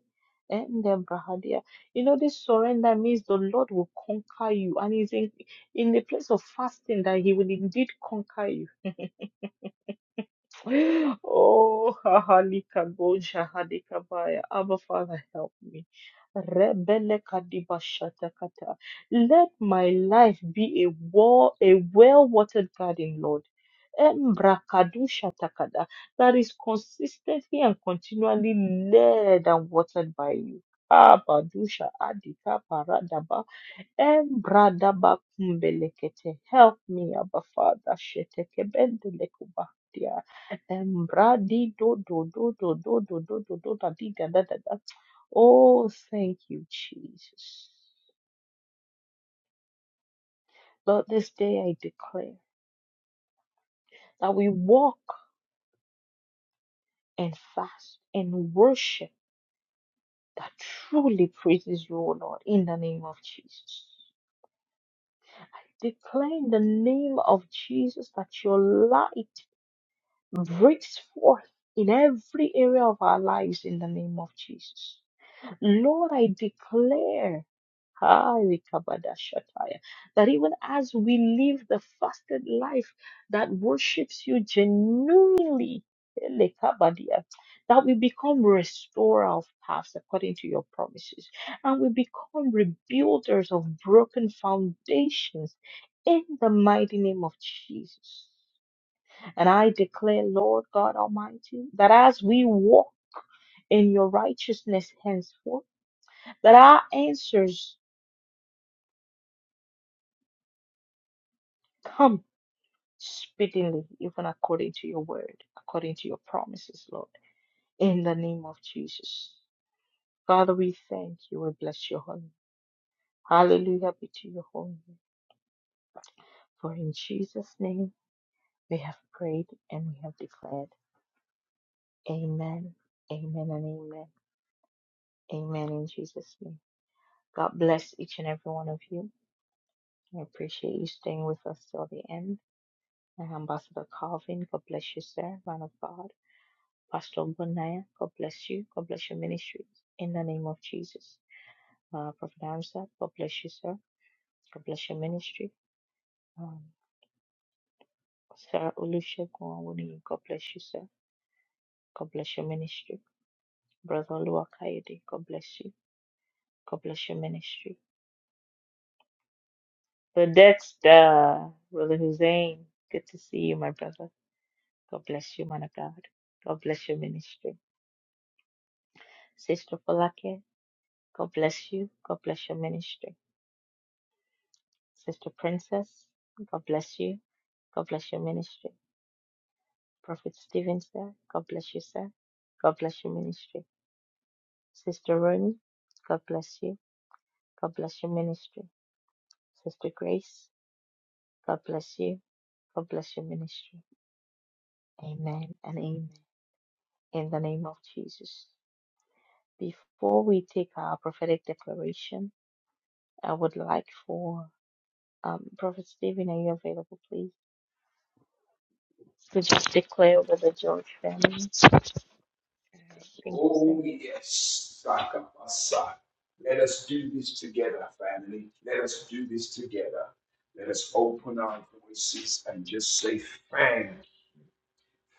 A: and then Brahadia. You know, this surrender means the Lord will conquer you, and He's in, in the place of fasting that He will indeed conquer you Oh, Hahalika Gonja Halika Baya. Abba Father, help me. Rebele Kadiba Shatakata. Let my life be a wall, a well-watered garden, Lord. Embrakadu Shatakada. That is consistently and continually led and watered by you. Abadusha Adika Em brada bakumbelekete. Help me, Abba Father. Sheteke bendelekubahtia. Em bradi do do do do do do do do do da di da da da da. Oh, thank you, Jesus. Lord, this day I declare that we walk and fast and worship that truly praises you, O Lord, in the name of Jesus. I declare in the name of Jesus that your light breaks forth in every area of our lives in the name of Jesus. Lord, I declare Highly Kabadashataya. That even as we live the fasted life that worships you genuinely, Ele Kabadia, that we become restorer of paths according to your promises, and we become rebuilders of broken foundations in the mighty name of Jesus. And I declare, Lord God Almighty, that as we walk in your righteousness henceforth, that our answers come speedily, even according to your word, according to your promises, Lord, in the name of Jesus. Father, we thank you. We bless your holy. name. Hallelujah be to your holy. name. For in Jesus' name we have prayed and we have declared. Amen. Amen and amen. Amen in Jesus' name. God bless each and every one of you. I appreciate you staying with us till the end. And Ambassador Calvin, God bless you, sir, man of God. Pastor Bonaya, God bless you. God bless your ministry. In the name of Jesus. Uh, Prophet Hamza, God bless you, sir. God bless your ministry. Um, Sarah Olusegun Awuniyi, God bless you, sir. God bless your ministry. Brother Oluwakayode, God bless you. God bless your ministry. The Dexter, Brother Hussein, good to see you, my brother. God bless you, man of God. God bless your ministry. Sister Falake, God bless you. God bless your ministry. Sister Princess, God bless you. God bless your ministry. Prophet Stephen, sir, God bless you, sir. God bless your ministry. Sister Roni, God bless you. God bless your ministry. Sister Grace, God bless you. God bless your ministry. Amen and amen. In the name of Jesus. Before we take our prophetic declaration, I would like for um, Prophet Stephen, are you available, please? to just declare over the George family. All right. Thank you, sir.
C: Oh, yes. Sakapasa. Let us do this together, family. Let us do this together. Let us open our voices and just say, Thank,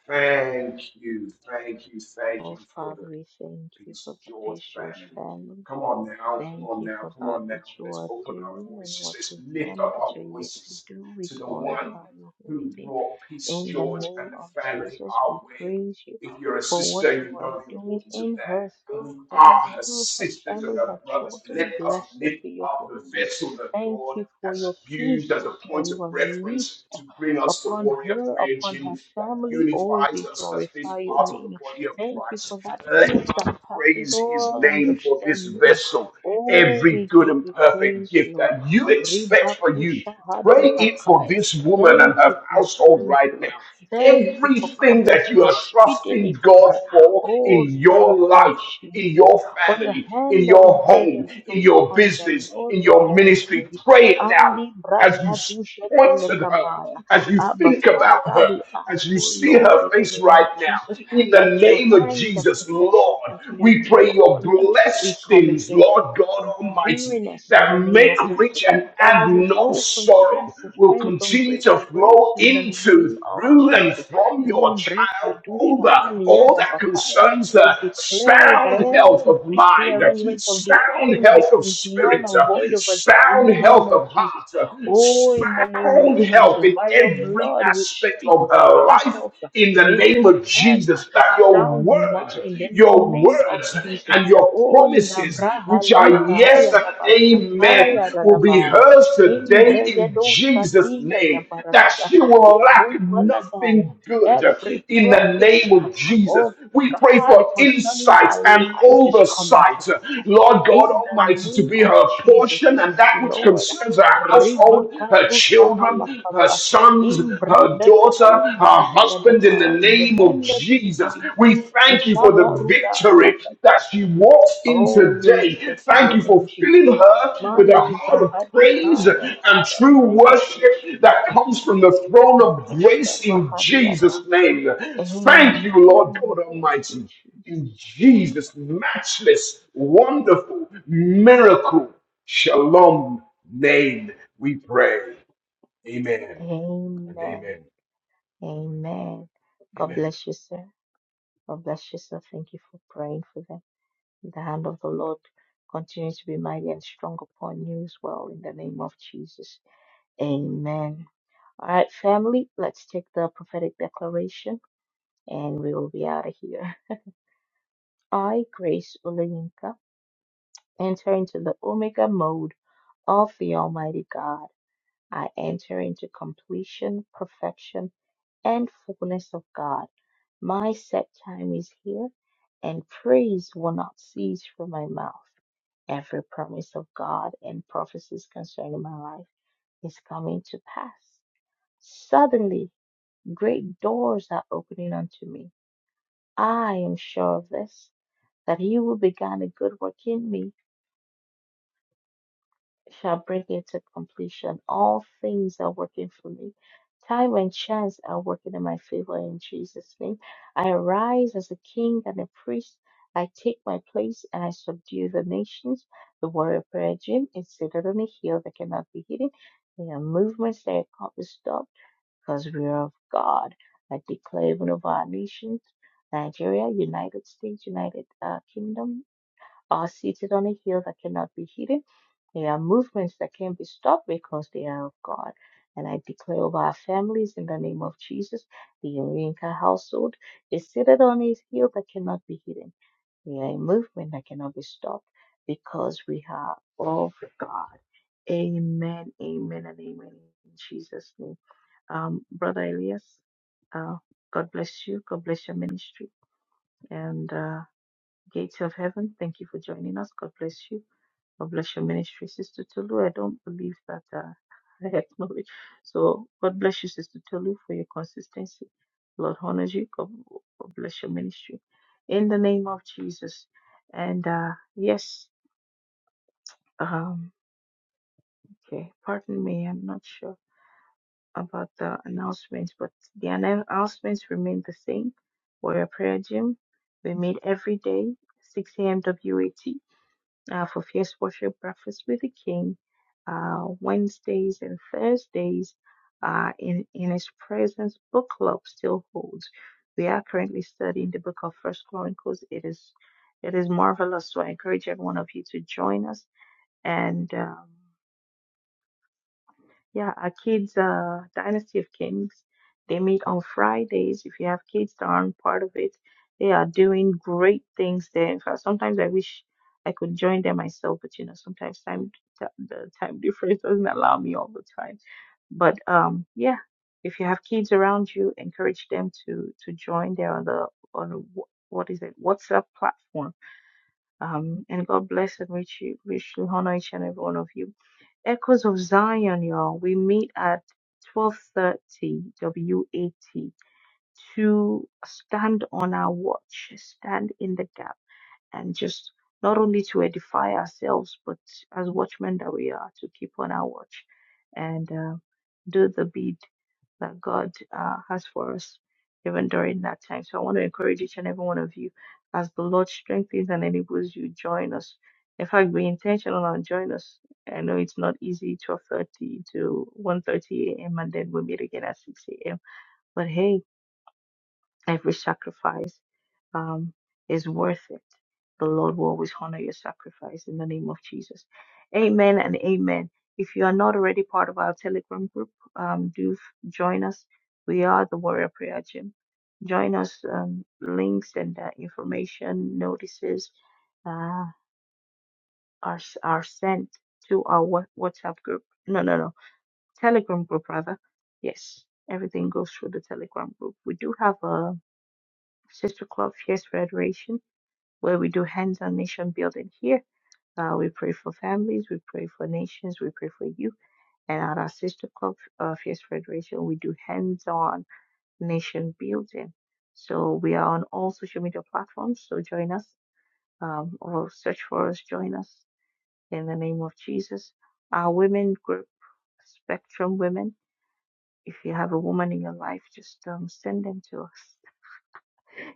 C: thank you, thank you, thank
A: Oh,
C: you for the
A: Father, we thank you
C: Prince
A: for
C: George
A: this George
C: family.
A: family.
C: Come on now, come
A: Thank
C: on
A: you
C: now,
A: for
C: come
A: that
C: on now.
A: which you
C: Let's
A: are
C: open our
A: doing and
C: voices.
A: what
C: Let's
A: you've
C: lift
A: done and
C: up
A: what
C: our
A: you're yet to
C: voices
A: do. We
C: to the one
A: glorify your holy
C: who
A: name.
C: brought Peace
A: In the
C: George
A: name
C: and the
A: of
C: family
A: Jesus, we
C: our way.
A: praise you
C: If you're a
A: for what
C: sister,
A: you
C: you
A: are
C: know the
A: doing
C: importance of
A: in
C: that.
A: her,
C: And
A: through
C: we
A: her,
C: are her
A: through her
C: sisters and
A: family, her
C: her brothers. Let
A: children.
C: us
A: Blessed
C: lift
A: be your
C: up the
A: holy name.
C: vessel that
A: Thank
C: God
A: you for
C: has
A: your
C: used
A: peace
C: as a
A: that
C: point
A: you
C: of
A: have
C: reference
A: released
C: to bring us to
A: upon
C: warrior
A: her,
C: prayer
A: upon her
C: gym that
A: family. Oh,
C: unifies
A: we
C: us as this
A: glorify your
C: part of
A: name.
C: the body of
A: Thank you
C: Christ.
A: for that
C: Let
A: peace that
C: us
A: passes
C: praise his
A: all
C: name for this
A: understanding.
C: vessel
A: Oh,
C: every
A: we
C: good
A: give
C: and
A: you
C: perfect
A: praise,
C: gift
A: Lord.
C: that you expect for you. Pray it for
A: Ribakushahadibakai.
C: this woman and
A: Thank you
C: her
A: for
C: household
A: strength,
C: right
A: Lord.
C: now.
A: Thank you for
C: Everything
A: coming
C: that you
A: through
C: are
A: speedily
C: trusting
A: for
C: God
A: her.
C: for
A: Oh,
C: in
A: thank
C: your
A: you,
C: life, in
A: Jesus.
C: your
A: For your
C: family, in
A: hand that is
C: your
A: mighty
C: home,
A: and
C: in
A: strong
C: your
A: upon them,
C: business,
A: Lord,
C: in
A: we
C: your
A: give you
C: ministry,
A: praise.
C: pray it now
A: Andi
C: as
A: brakadusha
C: you point to her,
A: telekabaya.
C: as you
A: Abba,
C: think about
A: Father,
C: her,
A: we ask,
C: as you
A: oh
C: see
A: Lord,
C: her
A: in the
C: face
A: name of
C: right now.
A: Jesus,
C: In
A: that
C: the
A: your
C: name of
A: hand of
C: Jesus,
A: protection
C: Lord,
A: continue to
C: we
A: be
C: pray your
A: upon them. We come
C: blessings,
A: against
C: Lord
A: any
C: God
A: form of
C: Almighty,
A: weariness in
C: that
A: the name
C: make
A: of Jesus
C: rich and
A: that they
C: add
A: will
C: no
A: go from strength
C: sorrow,
A: to
C: will
A: strength, from
C: continue
A: grace
C: to
A: to grace
C: flow
A: in the name
C: into,
A: of
C: through, and
A: Jesus.
C: from your
A: Name
C: child
A: Brekadusha
C: over all
A: Aliyada
C: that
A: Bakaya.
C: concerns
A: We
C: the
A: declare that
C: sound health of
A: every
C: mind,
A: prearrangement of the
C: sound
A: enemy
C: health of
A: becomes null
C: spirit,
A: and void over them in
C: sound
A: the name
C: health
A: of
C: of
A: Jesus.
C: heart,
A: Oh, in the name of
C: sound health
A: Jesus,
C: in
A: by your
C: every
A: blood we
C: aspect
A: speak
C: of her
A: sound
C: life
A: health
C: in the
A: into
C: name of
A: them,
C: Jesus that your
A: sound
C: words,
A: mind in the
C: your
A: name of
C: words
A: Jesus.
C: and your
A: Oh,
C: promises, which are
A: Ndabrahalika Haya
C: yes and amen,
A: Dabashataya
C: will be
A: Radaba.
C: hers today in Jesus'
A: Embregedoshatiya da
C: name. That
A: barakada.
C: she will lack
A: Ikuvaladaya.
C: nothing good
A: Every
C: in the
A: promise
C: name of Jesus.
A: of
C: We pray
A: God
C: for
A: concerning
C: insight
A: their
C: and
A: lives is coming to
C: oversight, Lord God
A: in the
C: Almighty, to
A: name
C: be
A: of
C: her
A: Jesus.
C: portion and
A: Yes,
C: that which
A: Lord.
C: concerns her household, her children, her
A: Ribakarushahalakaba.
C: sons, her daughter, her husband in the
A: Imbrebebekumbilikiadaba.
C: name of Jesus.
A: Ndebelebidibidi.
C: We thank you for the victory
A: Shabaruda
C: that she walks in
A: Oh,
C: today.
A: blessed be
C: Thank
A: your
C: you
A: name,
C: for filling
A: Jesus.
C: her with a
A: Mandi
C: heart of praise
A: Brahadikaya
C: and
A: Nakada.
C: true
A: Thank you,
C: worship that comes from
A: Jesus.
C: the throne of
A: Atushka
C: grace in Jesus'
A: Bahadiada.
C: name. Thank you, Lord
A: Amen.
C: God
A: Thank you,
C: Almighty.
A: Jesus.
C: In Jesus' matchless, wonderful, miracle, shalom name, we pray. Amen and
A: Amen.
C: amen.
A: Amen. God
C: Amen.
A: bless you, sir. God bless you, sir. Thank you for praying for them. The hand of the Lord continue to be mighty and strong upon you as well in the name of Jesus. Amen. All right, family, let's take the prophetic declaration. and we will be out of here. I, Grace Olayinka, enter into the Omega mode of the Almighty God. I enter into completion, perfection, and fullness of God. My set time is here, and praise will not cease from my mouth. Every promise of God and prophecies concerning my life is coming to pass. Suddenly, great doors are opening unto me. I am sure of this. that he who began a good work in me shall bring it to completion. All things are working for me. Time and chance are working in my favor in Jesus' name. I arise as a king and a priest. I take my place and I subdue the nations. The warrior prayer gym is seated on a hill that cannot be hidden. There are movements that can't be stopped because we are of God. I declare even over our nations, Nigeria, United States, United uh, Kingdom, are seated on a hill that cannot be hidden. There are movements that can be stopped because they are of God. And I declare over our families in the name of Jesus, the Urinka household is seated on a hill that cannot be hidden. We are a movement that cannot be stopped because we are of God. Amen, amen, and amen in Jesus' name. Um, Brother Elias, uh, God bless you. God bless your ministry. And uh, Gates of Heaven, thank you for joining us. God bless you. God bless your ministry, Sister Tolu. I don't believe that uh, I acknowledge. So God bless you, Sister Tolu, for your consistency. Lord honors you. God, God bless your ministry. In the name of Jesus. And uh, yes, um, okay, pardon me, I'm not sure about the announcements, but the annou- announcements remain the same. Warrior Prayer Gym, we meet every day, 6 a.m. WAT. uh, for Fierce Worship Breakfast with the King, uh, Wednesdays and Thursdays uh, in, in His Presence Book Club still holds. We are currently studying the book of First Chronicles. It is it is marvelous. So I encourage every one of you to join us. And um, yeah, our kids, uh, Dynasty of Kings, they meet on Fridays. If you have kids that aren't part of it, they are doing great things there. In fact, sometimes I wish I could join them myself, but you know, sometimes time t- the time difference doesn't allow me all the time. But um, yeah, if you have kids around you, encourage them to to join there on the on the, wh- what is it WhatsApp platform um, and God bless and rich, richly honor each and every one of you. Echoes of Zion, y'all. We meet at 12:30 WAT to stand on our watch, stand in the gap, and just not only to edify ourselves, but as watchmen that we are, to keep on our watch and uh, do the bid that God uh, has for us even during that time. So I want to encourage each and every one of you as the Lord strengthens and enables you, join us. In fact, be intentional and join us. I know it's not easy, 12.30 to one thirty a.m. and then we meet again at 6 a.m. But hey, every sacrifice um, is worth it. The Lord will always honor your sacrifice in the name of Jesus. Amen and amen. If you are not already part of our Telegram group, um, do f- join us. We are the Warrior Prayer Gym. Join us. Um, links and uh, information, notices uh, are are sent to our Wha- WhatsApp group. No, no, no, Telegram group rather. Yes, everything goes through the Telegram group. We do have a sister club, Fierce Federation where we do hands on nation building here. Uh, we pray for families, we pray for nations, we pray for you. And at our sister club, uh, Fierce Federation, we do hands on nation building. So we are on all social media platforms. So join us um, or search for us, join us in the name of Jesus. Our women group, Spectrum Women, if you have a woman in your life, just um, send them to us.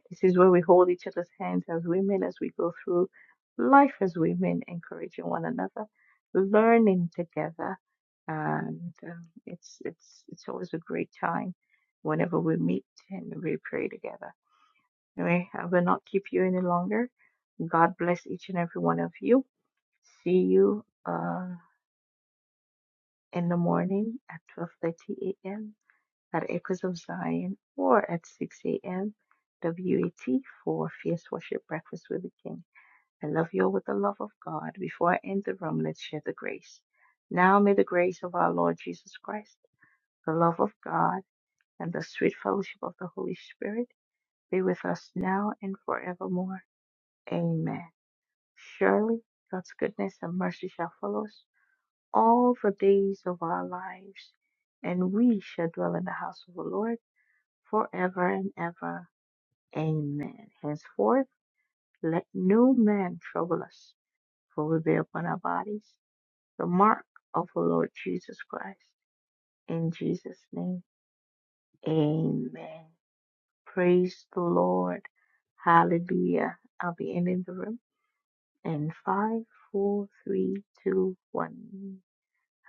A: This is where we hold each other's hands as women as we go through life as women, encouraging one another, learning together, and um, it's it's it's always a great time whenever we meet and we pray together. Anyway, I will not keep you any longer. God bless each and every one of you. See you uh, in the morning at 12:30 a.m at Echoes of Zion or at 6 a.m. WAT for Fierce Worship Breakfast with the King. I love you all with the love of God. Before I end the room, let's share the grace. Now may the grace of our Lord Jesus Christ, the love of God, and the sweet fellowship of the Holy Spirit be with us now and forevermore. Amen. Surely God's goodness and mercy shall follow us all the days of our lives, and we shall dwell in the house of the Lord forever and ever. Amen. Henceforth, let no man trouble us, for we bear upon our bodies the mark of the Lord Jesus Christ. In Jesus' name, amen. Praise the Lord. Hallelujah. I'll be ending the room in five, four, three, two, one.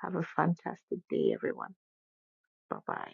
A: Have a fantastic day, everyone. Bye bye.